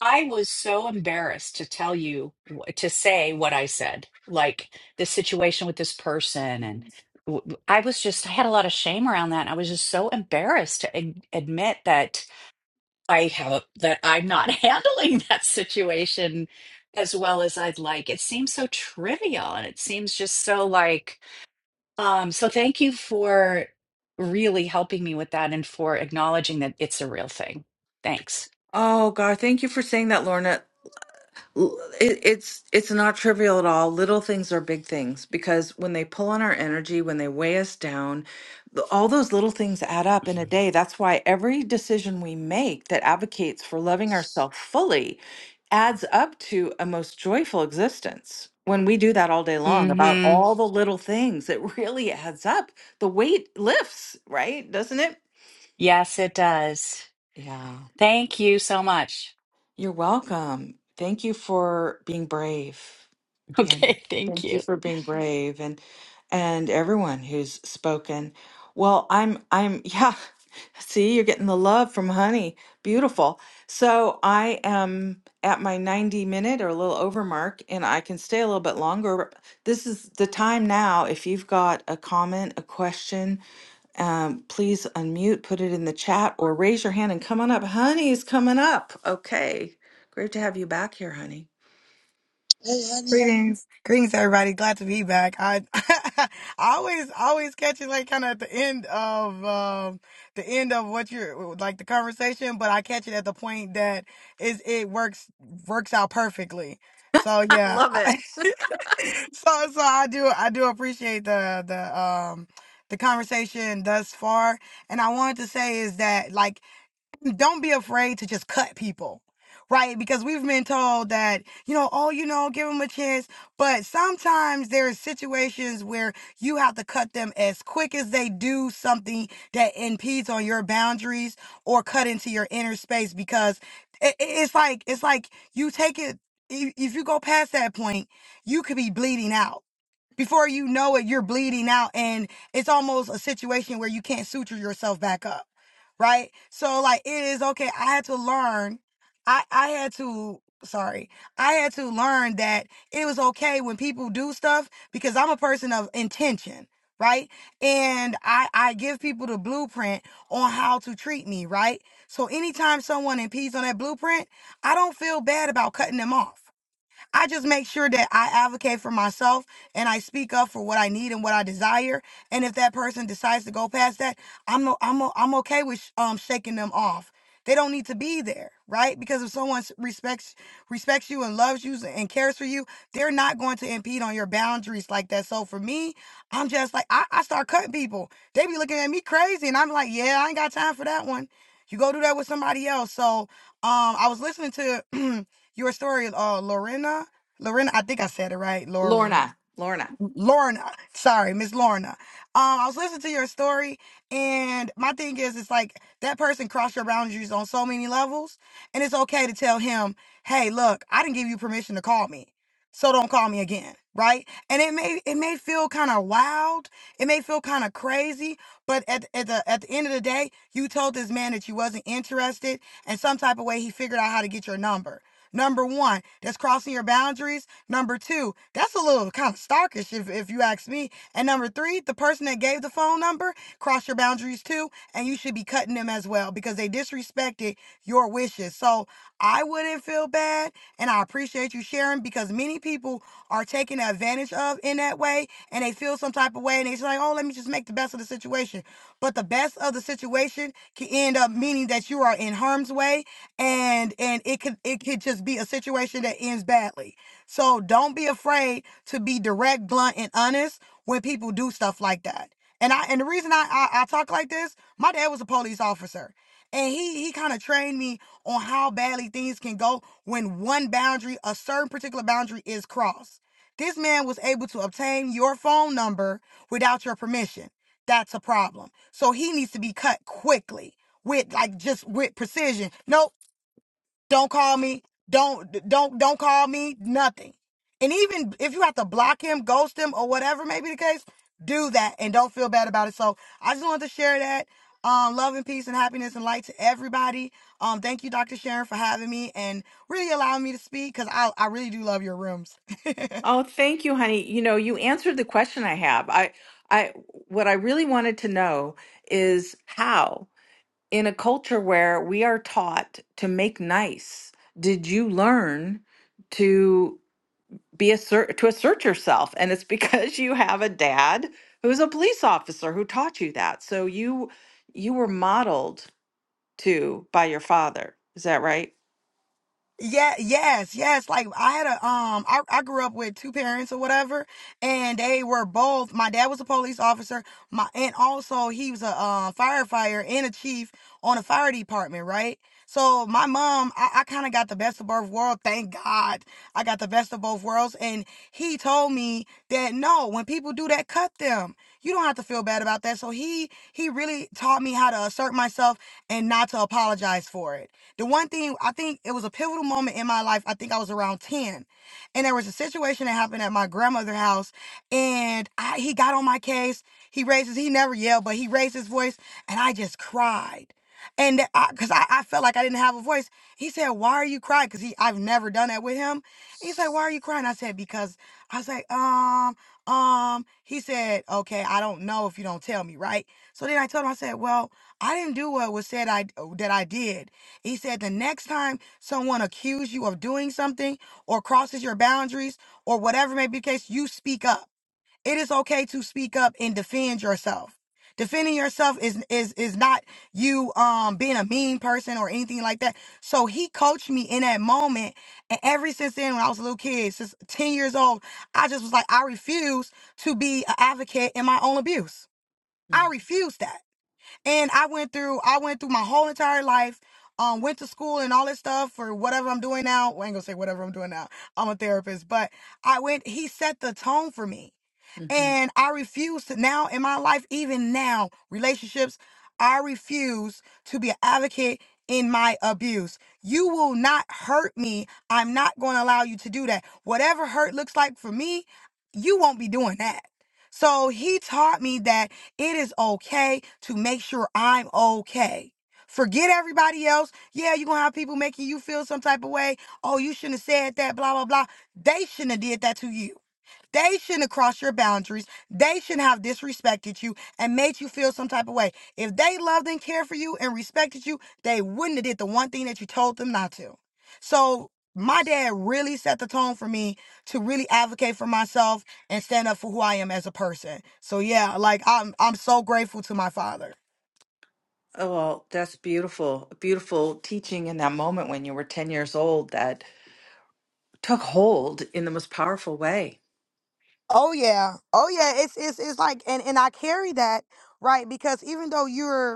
[SPEAKER 7] I was so embarrassed to tell you wh- to say what I said, like the situation with this person, and w- w- I was just. I had a lot of shame around that. And I was just so embarrassed to ad- admit that. I have a, that I'm not handling that situation as well as I'd like. It seems so trivial and it seems just so like um so thank you for really helping me with that and for acknowledging that it's a real thing. Thanks.
[SPEAKER 1] Oh, God. Thank you for saying that, Lorna. L- it, it's it's not trivial at all. Little things are big things because when they pull on our energy, when they weigh us down, th- all those little things add up in a day. That's why every decision we make that advocates for loving ourselves fully adds up to a most joyful existence. When we do that all day long about
[SPEAKER 7] Mhm.
[SPEAKER 1] all the little things, it really adds up. The weight lifts, right? Doesn't it?
[SPEAKER 7] Yes, it does.
[SPEAKER 1] Yeah.
[SPEAKER 7] Thank you so much.
[SPEAKER 1] You're welcome. Thank you for being brave. Yeah.
[SPEAKER 7] Okay, thank
[SPEAKER 1] Thank you
[SPEAKER 7] you.
[SPEAKER 1] for being brave and and everyone who's spoken. Well, I'm I'm yeah. See, you're getting the love from honey. Beautiful. So I am at my 90 minute or a little over mark and I can stay a little bit longer. This is the time now if you've got a comment, a question, um, please unmute, put it in the chat, or raise your hand and come on up. Honey's coming up. Okay. Great to have you back here, honey.
[SPEAKER 3] Hey, honey.
[SPEAKER 8] Greetings. Greetings, everybody. Glad to be back. I, I always, always catch it like kind of at the end of um, the end of what you're like the conversation, but I catch it at the point that is it works works out perfectly. So yeah, I- so so I do I do appreciate the the um the conversation thus far, and I wanted to say is that like don't be afraid to just cut people right because we've been told that you know oh you know give them a chance but sometimes there are situations where you have to cut them as quick as they do something that impedes on your boundaries or cut into your inner space because it, it's like it's like you take it if, if you go past that point you could be bleeding out before you know it, you're bleeding out and it's almost a situation where you can't suture yourself back up. Right? So like it is okay. I had to learn. I I had to sorry. I had to learn that it was okay when people do stuff because I'm a person of intention, right? And I I give people the blueprint on how to treat me, right? So anytime someone impedes on that blueprint, I don't feel bad about cutting them off I just make sure that I advocate for myself and I speak up for what I need and what I desire. And if that person decides to go past that, I'm no, I'm o- I'm okay with sh- um shaking them off. They don't need to be there, right? Because if someone s- respects respects you and loves you and cares for you, they're not going to impede on your boundaries like that. So for me, I'm just like I, I start cutting people. They be looking at me crazy, and I'm like, yeah, I ain't got time for that one. You go do that with somebody else. So um, I was listening to Your story is uh Lorena. Lorena, I think I said it right. Lor
[SPEAKER 1] Lorna, Lorna.
[SPEAKER 8] Lorna, sorry, Miss Lorna. Um, I was listening to your story, and my thing is, it's like that person crossed your boundaries on so many levels, and it's okay to tell him, "Hey, look, I didn't give you permission to call me, so don't call me again." Right? And it may it may feel kind of wild, it may feel kind of crazy, but at at the at the end of the day, you told this man that you wasn't interested, and some type of way he figured out how to get your number. Number one, that's crossing your boundaries Number two, that's a little kind of starkish if, if you ask me. And number three, the person that gave the phone number crossed your boundaries too, and you should be cutting them as well because they disrespected your wishes. So I wouldn't feel bad, and I appreciate you sharing because many people are taken advantage of in that way, and they feel some type of way, and they're like, oh, let me just make the best of the situation. But the best of the situation can end up meaning that you are in harm's way, and and it could it could just be a situation that ends badly. So don't be afraid to be direct, blunt, and honest when people do stuff like that. And I and the reason I I, I talk like this, my dad was a police officer. And he he kind of trained me on how badly things can go when one boundary, a certain particular boundary is crossed. This man was able to obtain your phone number without your permission. That's a problem. So he needs to be cut quickly with like just with precision. Nope, don't call me. Don't don't don't call me nothing. And even if you have to block him, ghost him, or whatever may be the case, do that and don't feel bad about it. So I just wanted to share that. Um, love and peace and happiness and light to everybody. Um, thank you, Dr. Sharon, for having me and really allowing me to speak because I, I really do love your rooms.
[SPEAKER 1] Oh, thank you, honey. You know, you answered the question I have. I, I, what I really wanted to know is how, in a culture where we are taught to make nice, did you learn to? be assert to assert yourself and it's because you have a dad who's a police officer who taught you that so you you were modeled to by your father is that right
[SPEAKER 8] Yeah, yes, yes. Like I had a um I, I grew up with two parents or whatever, and they were both my dad was a police officer, my and also he was a um firefighter and a chief on a fire department, right? So my mom, I, I kinda got the best of both worlds. Thank God I got the best of both worlds. And he told me that no, when people do that, cut them. You don't have to feel bad about that. So he he really taught me how to assert myself and not to apologize for it. The one thing I think it was a pivotal moment in my life. I think I was around 10. And there was a situation that happened at my grandmother's house. And I, he got on my case. He raises, he never yelled, but he raised his voice. And I just cried. And because I, 'cause I I felt like I didn't have a voice. He said, Why are you crying? Because he I've never done that with him. He said, Why are you crying? I said, Because I was like, um, um, he said, Okay, I don't know if you don't tell me, right? So then I told him, I said, Well, I didn't do what was said I that I did. He said the next time someone accuses you of doing something or crosses your boundaries or whatever may be the case, you speak up. It is okay to speak up and defend yourself. Defending yourself is is is not you um being a mean person or anything like that. So he coached me in that moment, and ever since then, when I was a little kid, since ten years old, I just was like, I refuse to be an advocate in my own abuse. I refuse that. And I went through I went through my whole entire life, um, went to school and all this stuff for whatever I'm doing now. Well, I ain't gonna say whatever I'm doing now. I'm a therapist, but I went he set the tone for me.
[SPEAKER 1] Mm-hmm.
[SPEAKER 8] And I refuse to now in my life, even now, relationships, I refuse to be an advocate in my abuse. You will not hurt me. I'm not going to allow you to do that. Whatever hurt looks like for me, you won't be doing that. So he taught me that it is okay to make sure I'm okay. Forget everybody else. Yeah, you're going to have people making you feel some type of way. Oh, you shouldn't have said that, blah, blah, blah. They shouldn't have did that to you. They shouldn't have crossed your boundaries. They shouldn't have disrespected you and made you feel some type of way. If they loved and cared for you and respected you, they wouldn't have did the one thing that you told them not to. So my dad really set the tone for me to really advocate for myself and stand up for who I am as a person. So yeah, like I'm I'm so grateful to my father.
[SPEAKER 1] oh well that's beautiful beautiful teaching in that moment when you were 10 years old that took hold in the most powerful way
[SPEAKER 8] Oh yeah. Oh yeah. It's it's it's like and, and I carry that, right? Because even though you're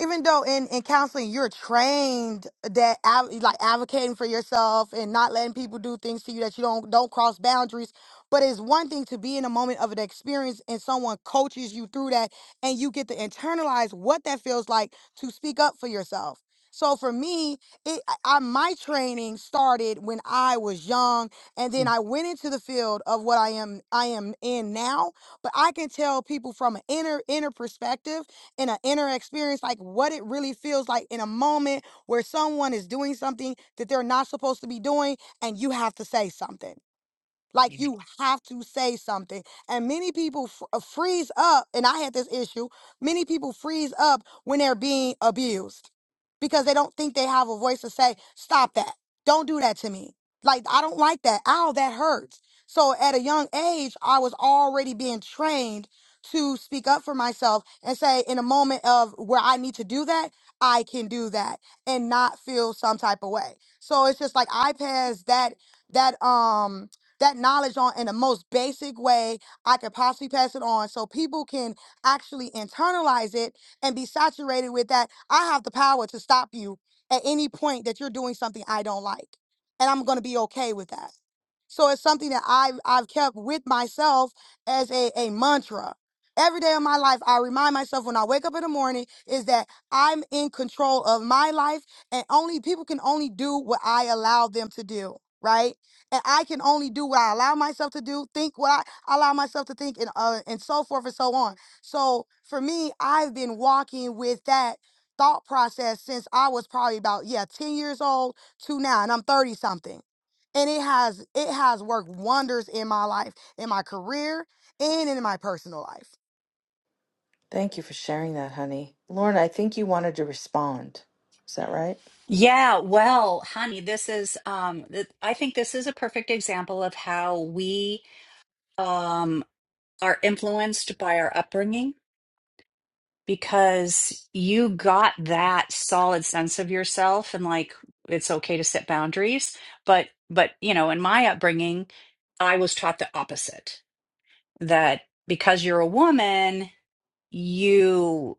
[SPEAKER 8] even though in, in counseling you're trained that ad- like advocating for yourself and not letting people do things to you that you don't don't cross boundaries but it's one thing to be in a moment of an experience and someone coaches you through that and you get to internalize what that feels like to speak up for yourself so for me it I, I- my training started when i was young and then i went into the field of what i am i am in now but i can tell people from an inner inner perspective in an inner experience, like what it really feels like in a moment where someone is doing something that they're not supposed to be doing, and you have to say something. Like you have to say something. And many people f- uh, freeze up, and I had this issue. Many people freeze up when they're being abused because they don't think they have a voice to say, "Stop that. Don't do that to me." Like I don't like that. Ow, that hurts. So at a young age, I was already being trained to speak up for myself and say in a moment of where I need to do that, I can do that and not feel some type of way. So it's just like I passed that that um that knowledge on in the most basic way I could possibly pass it on so people can actually internalize it and be saturated with that. I have the power to stop you at any point that you're doing something I don't like. And I'm going to be okay with that. So it's something that I've I've kept with myself as a, a mantra. Every day of my life, I remind myself when I wake up in the morning is that I'm in control of my life and only people can only do what I allow them to do, right? And I can only do what I allow myself to do, think what I allow myself to think, and uh, and so forth and so on. So for me, I've been walking with that thought process since I was probably about yeah 10 years old to now, and I'm 30 something and it has it has worked wonders in my life in my career and in my personal life
[SPEAKER 1] thank you for sharing that honey lauren i think you wanted to respond is that right
[SPEAKER 7] Yeah, well, honey, this is um th- I think this is a perfect example of how we um are influenced by our upbringing because you got that solid sense of yourself and like it's okay to set boundaries but but you know in my upbringing i was taught the opposite that because you're a woman you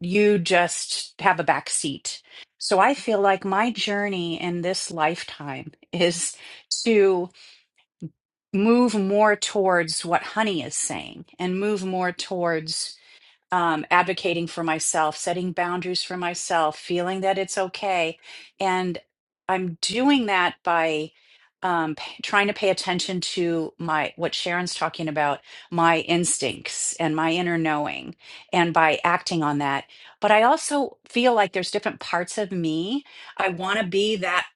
[SPEAKER 7] you just have a back seat so i feel like my journey in this lifetime is to move more towards what honey is saying and move more towards um, advocating for myself, setting boundaries for myself, feeling that it's okay. And I'm doing that by um, p- trying to pay attention to my what Sharon's talking about, my instincts and my inner knowing, and by acting on that. But I also feel like there's different parts of me. I want to be that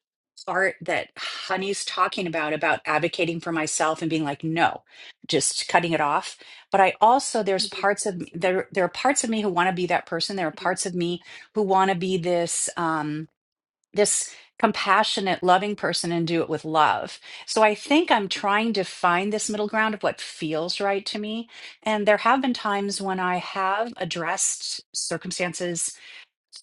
[SPEAKER 7] part that Honey's talking about, about advocating for myself and being like, no, just cutting it off but I also there's parts of there there are parts of me who want to be that person. There are parts of me who want to be this um this compassionate, loving person and do it with love. So I think I'm trying to find this middle ground of what feels right to me. And there have been times when I have addressed circumstances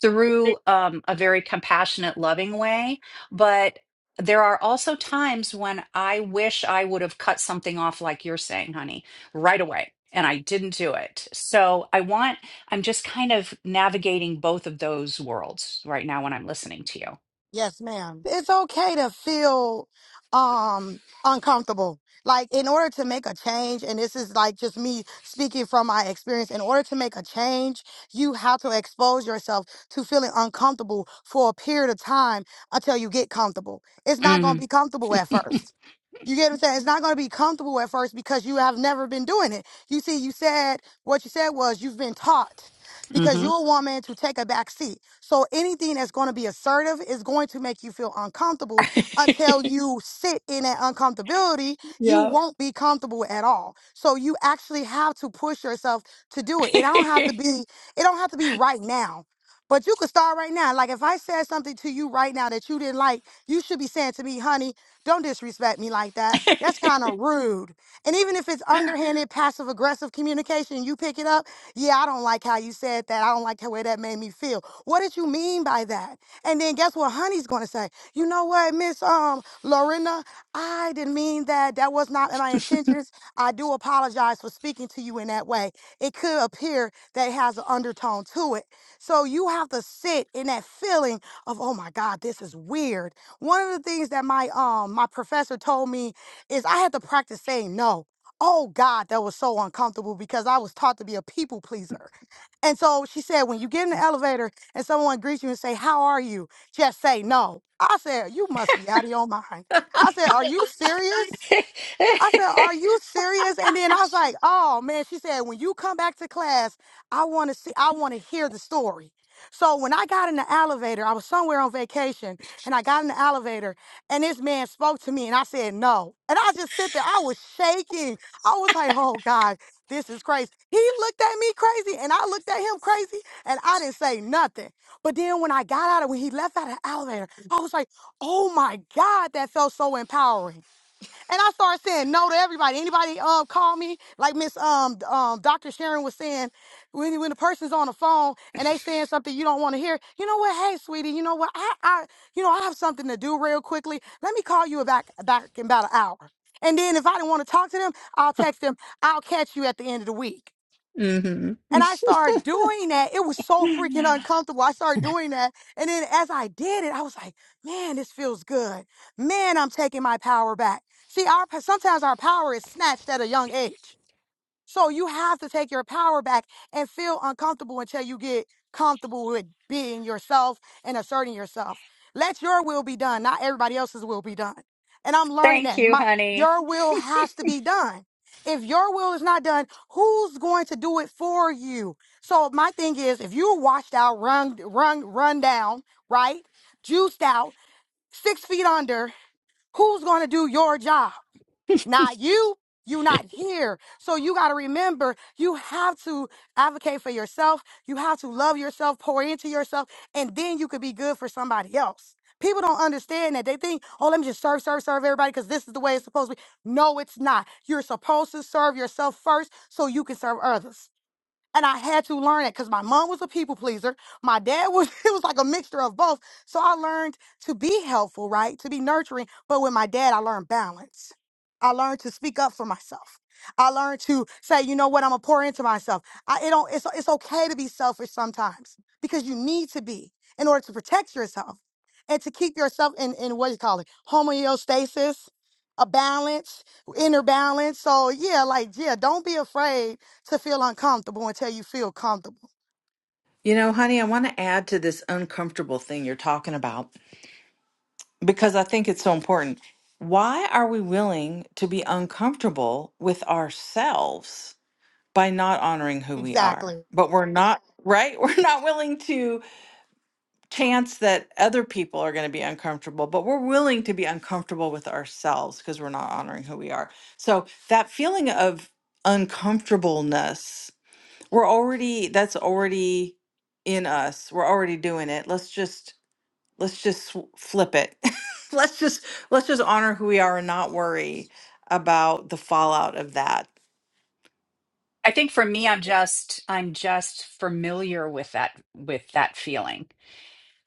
[SPEAKER 7] through um, a very compassionate, loving way. But there are also times when I wish I would have cut something off, like you're saying, honey, right away. And I didn't do it. So I want, I'm just kind of navigating both of those worlds right now when I'm listening to you.
[SPEAKER 8] yes ma'am it's okay to feel um uncomfortable like in order to make a change and this is like just me speaking from my experience in order to make a change you have to expose yourself to feeling uncomfortable for a period of time until you get comfortable it's not going to
[SPEAKER 7] Mm
[SPEAKER 8] be comfortable at first You get what I'm saying? It's not going to be comfortable at first because you have never been doing it. You see, you said what you said was you've been taught because
[SPEAKER 7] hmm. Mm
[SPEAKER 8] you're a woman to take a back seat. So anything that's going to be assertive is going to make you feel uncomfortable until
[SPEAKER 7] hmm.
[SPEAKER 8] you sit in that uncomfortability. You
[SPEAKER 7] Yeah.
[SPEAKER 8] won't be comfortable at all. So you actually have to push yourself to do it. It don't have to be, it don't have to be right now. But you could start right now. Like if I said something to you right now that you didn't like, you should be saying to me, honey, don't disrespect me like that. That's kind of rude. And even if it's underhanded, passive aggressive communication, you pick it up. Yeah, I don't like how you said that. I don't like the way that made me feel. What did you mean by that? And then guess what honey's gonna say? You know what, Miss Um Lorena, I didn't mean that. That was not my intentions. I do apologize for speaking to you in that way. It could appear that it has an undertone to it. So you have to sit in that feeling of, oh my God, this is weird one of the things that my um my professor told me is I had to practice saying no. Oh God, that was so uncomfortable because I was taught to be a people pleaser. And so she said, when you get in the elevator and someone greets you and say, How are you? Just say no. I said, You must be out of your mind. I said, Are you serious? I said, "Are you serious?" And then I was like, "Oh man," she said, "When you come back to class, I want to see, I want to hear the story." So when I got in the elevator, I was somewhere on vacation, and I got in the elevator, and this man spoke to me, and I said, "No," and I just sit there, I was shaking, I was like, "Oh God, this is crazy." He looked at me crazy, and I looked at him crazy, and I didn't say nothing. But then when I got out of when he left out of the elevator, I was like, "Oh my God," that felt so empowering. And I started saying no to everybody. Anybody um call me like Miss um um Dr. Sharon was saying when when the person's on the phone and they saying something you don't want to hear. You know what? Hey, sweetie. You know what? I I you know I have something to do real quickly. Let me call you back back in about an hour. And then if I don't want to talk to them, I'll text them. I'll catch you at the end of the week.
[SPEAKER 7] hmm
[SPEAKER 8] And I started doing that. It was so freaking uncomfortable. I started doing that. And then as I did it, I was like, man, this feels good. Man, I'm taking my power back. See, our sometimes our power is snatched at a young age. So you have to take your power back and feel uncomfortable until you get comfortable with being yourself and asserting yourself. Let your will be done, not everybody else's will be done. And I'm learning
[SPEAKER 7] Thank
[SPEAKER 8] that
[SPEAKER 7] you,
[SPEAKER 8] my
[SPEAKER 7] honey.
[SPEAKER 8] your will has to be done. If your will is not done, who's going to do it for you? So my thing is, if you're washed out, run, run, run down, right, juiced out, six feet under, who's going to do your job? not you. you are not here. So you got to remember you have to advocate for yourself. You have to love yourself, pour into yourself, and then you could be good for somebody else. People don't understand that. They think, oh, let me just serve, serve, serve everybody because this is the way it's supposed to be. No, it's not. You're supposed to serve yourself first so you can serve others. And I had to learn it because my mom was a people pleaser. My dad was, it was like a mixture of both. So I learned to be helpful, right? To be nurturing. But with my dad, I learned balance. I learned to speak up for myself. I learned to say, you know what, I'm gonna pour into myself. I, it don't, it's, it's okay to be selfish sometimes because you need to be in order to protect yourself and to keep yourself in, in what do you call it? Homeostasis, a balance, inner balance. So yeah, like, yeah, don't be afraid to feel uncomfortable until you feel comfortable.
[SPEAKER 1] You know, honey, I want to add to this uncomfortable thing you're talking about because I think it's so important. Why are we willing to be uncomfortable with ourselves by not honoring who we are?
[SPEAKER 8] Exactly.
[SPEAKER 1] But we're not, right? We're not willing to chance that other people are going to be uncomfortable, but we're willing to be uncomfortable with ourselves because we're not honoring who we are. So that feeling of uncomfortableness we're already, that's already in us. We're already doing it. Let's just, let's just sw- flip it. let's just, let's just honor who we are and not worry about the fallout of that.
[SPEAKER 7] I think for me, I'm just I'm just familiar with that with that feeling.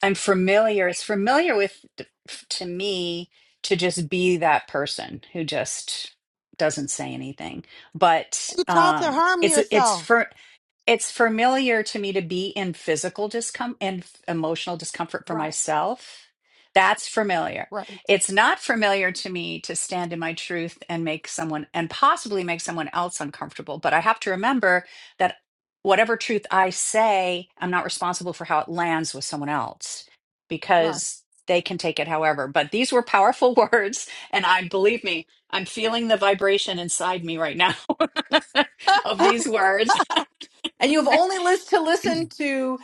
[SPEAKER 7] I'm familiar. It's familiar with to me to just be that person who just doesn't say anything. But
[SPEAKER 8] You taught to
[SPEAKER 7] um,
[SPEAKER 8] harm
[SPEAKER 7] it's it's
[SPEAKER 8] yourself.
[SPEAKER 7] for it's familiar to me to be in physical discomfort and f- emotional discomfort for
[SPEAKER 8] Right,
[SPEAKER 7] myself. That's familiar.
[SPEAKER 8] right,
[SPEAKER 7] It's not familiar to me to stand in my truth and make someone and possibly make someone else uncomfortable. But I have to remember that whatever truth I say, I'm not responsible for how it lands with someone else
[SPEAKER 8] right.
[SPEAKER 7] because they can take it however. But these were powerful words. And I believe me, I'm feeling the vibration inside me right now of these words.
[SPEAKER 1] And you have only list to listen to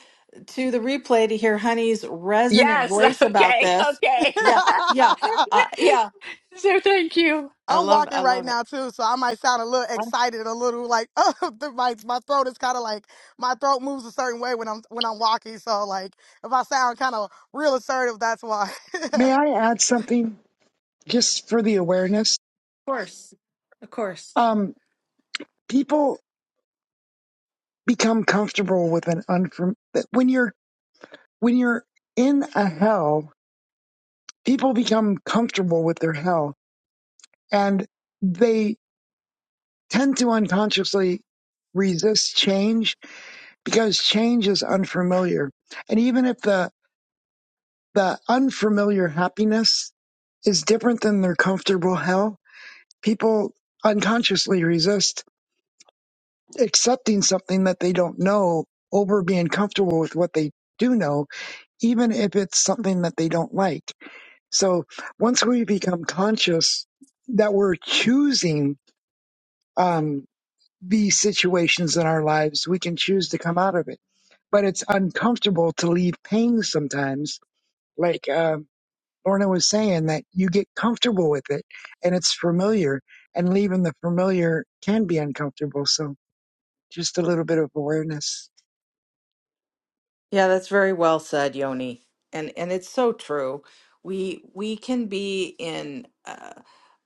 [SPEAKER 1] to the replay to hear Honey's resonant
[SPEAKER 7] Yes.
[SPEAKER 1] voice about
[SPEAKER 7] Okay.
[SPEAKER 1] this.
[SPEAKER 7] Okay.
[SPEAKER 1] Yeah, yeah, uh, yeah.
[SPEAKER 7] So thank you.
[SPEAKER 1] I
[SPEAKER 8] I'm
[SPEAKER 1] love,
[SPEAKER 8] walking
[SPEAKER 1] I
[SPEAKER 8] right
[SPEAKER 1] love it.
[SPEAKER 8] now too, so I might sound a little excited, a little like oh, the, my my throat is kind of like my throat moves a certain way when I'm when I'm walking. So like if I sound kind of real assertive, that's why.
[SPEAKER 3] May I add something just for the awareness?
[SPEAKER 1] Of course, of course.
[SPEAKER 3] Um, people become comfortable with an unfam- that when you're when you're in a hell people become comfortable with their health and they tend to unconsciously resist change because change is unfamiliar. And even if the, the unfamiliar happiness is different than their comfortable health, people unconsciously resist accepting something that they don't know over being comfortable with what they do know, even if it's something that they don't like. So once we become conscious that we're choosing um, these situations in our lives, we can choose to come out of it. But it's uncomfortable to leave pain sometimes. Like uh, Lorna was saying, that you get comfortable with it and it's familiar, and leaving the familiar can be uncomfortable. So just a little bit of awareness.
[SPEAKER 1] Yeah, that's very well said, Yoni. And and it's so true. We we can be in uh,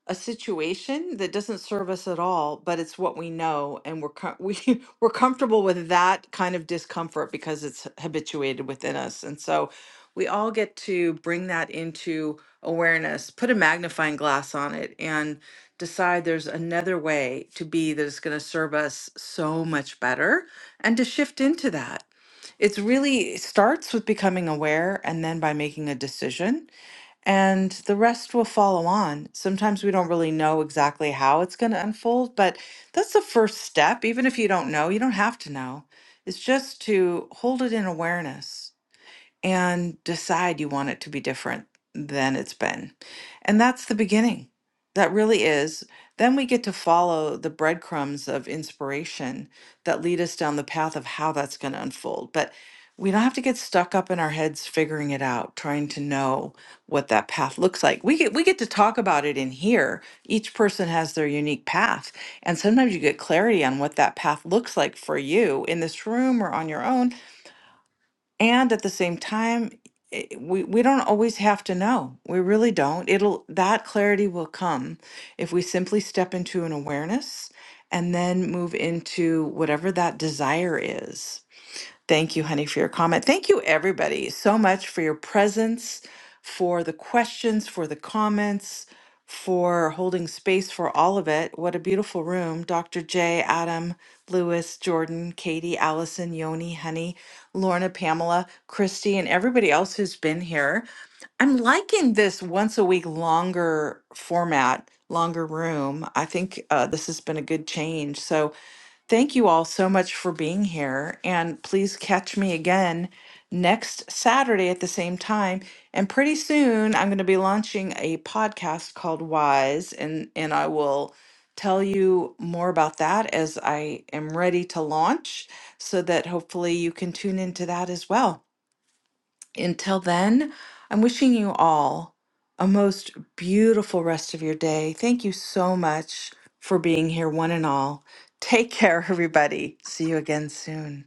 [SPEAKER 1] a situation that doesn't serve us at all, but it's what we know, and we're com- we we're comfortable with that kind of discomfort because it's habituated within us, and so we all get to bring that into awareness, put a magnifying glass on it, and decide there's another way to be that is going to serve us so much better, and to shift into that. It's really it starts with becoming aware, and then by making a decision and the rest will follow on. Sometimes we don't really know exactly how it's going to unfold, but that's the first step. Even if you don't know, you don't have to know. It's just to hold it in awareness and decide you want it to be different than it's been. And that's the beginning. That really is. Then we get to follow the breadcrumbs of inspiration that lead us down the path of how that's going to unfold. But we don't have to get stuck up in our heads figuring it out, trying to know what that path looks like. We get we get to talk about it in here. Each person has their unique path, and sometimes you get clarity on what that path looks like for you in this room or on your own and at the same time it- we we don't always have to know we really don't it'll that clarity will come if we simply step into an awareness and then move into whatever that desire is Thank you, honey, for your comment. Thank you, everybody, so much for your presence, for the questions, for the comments, for holding space for all of it. What a beautiful room. Dr. J, Adam, Lewis, Jordan, Katie, Allison, Yoni, honey, Lorna, Pamela, Christy, and everybody else who's been here. I'm liking this once a week longer format, longer room. I think uh, this has been a good change. So, Thank you all so much for being here. And please catch me again next Saturday at the same time. And pretty soon I'm going to be launching a podcast called Wise, and, and I will tell you more about that as I am ready to launch so that hopefully you can tune into that as well. Until then, I'm wishing you all a most beautiful rest of your day. Thank you so much for being here, one and all. Take care, everybody. See you again soon.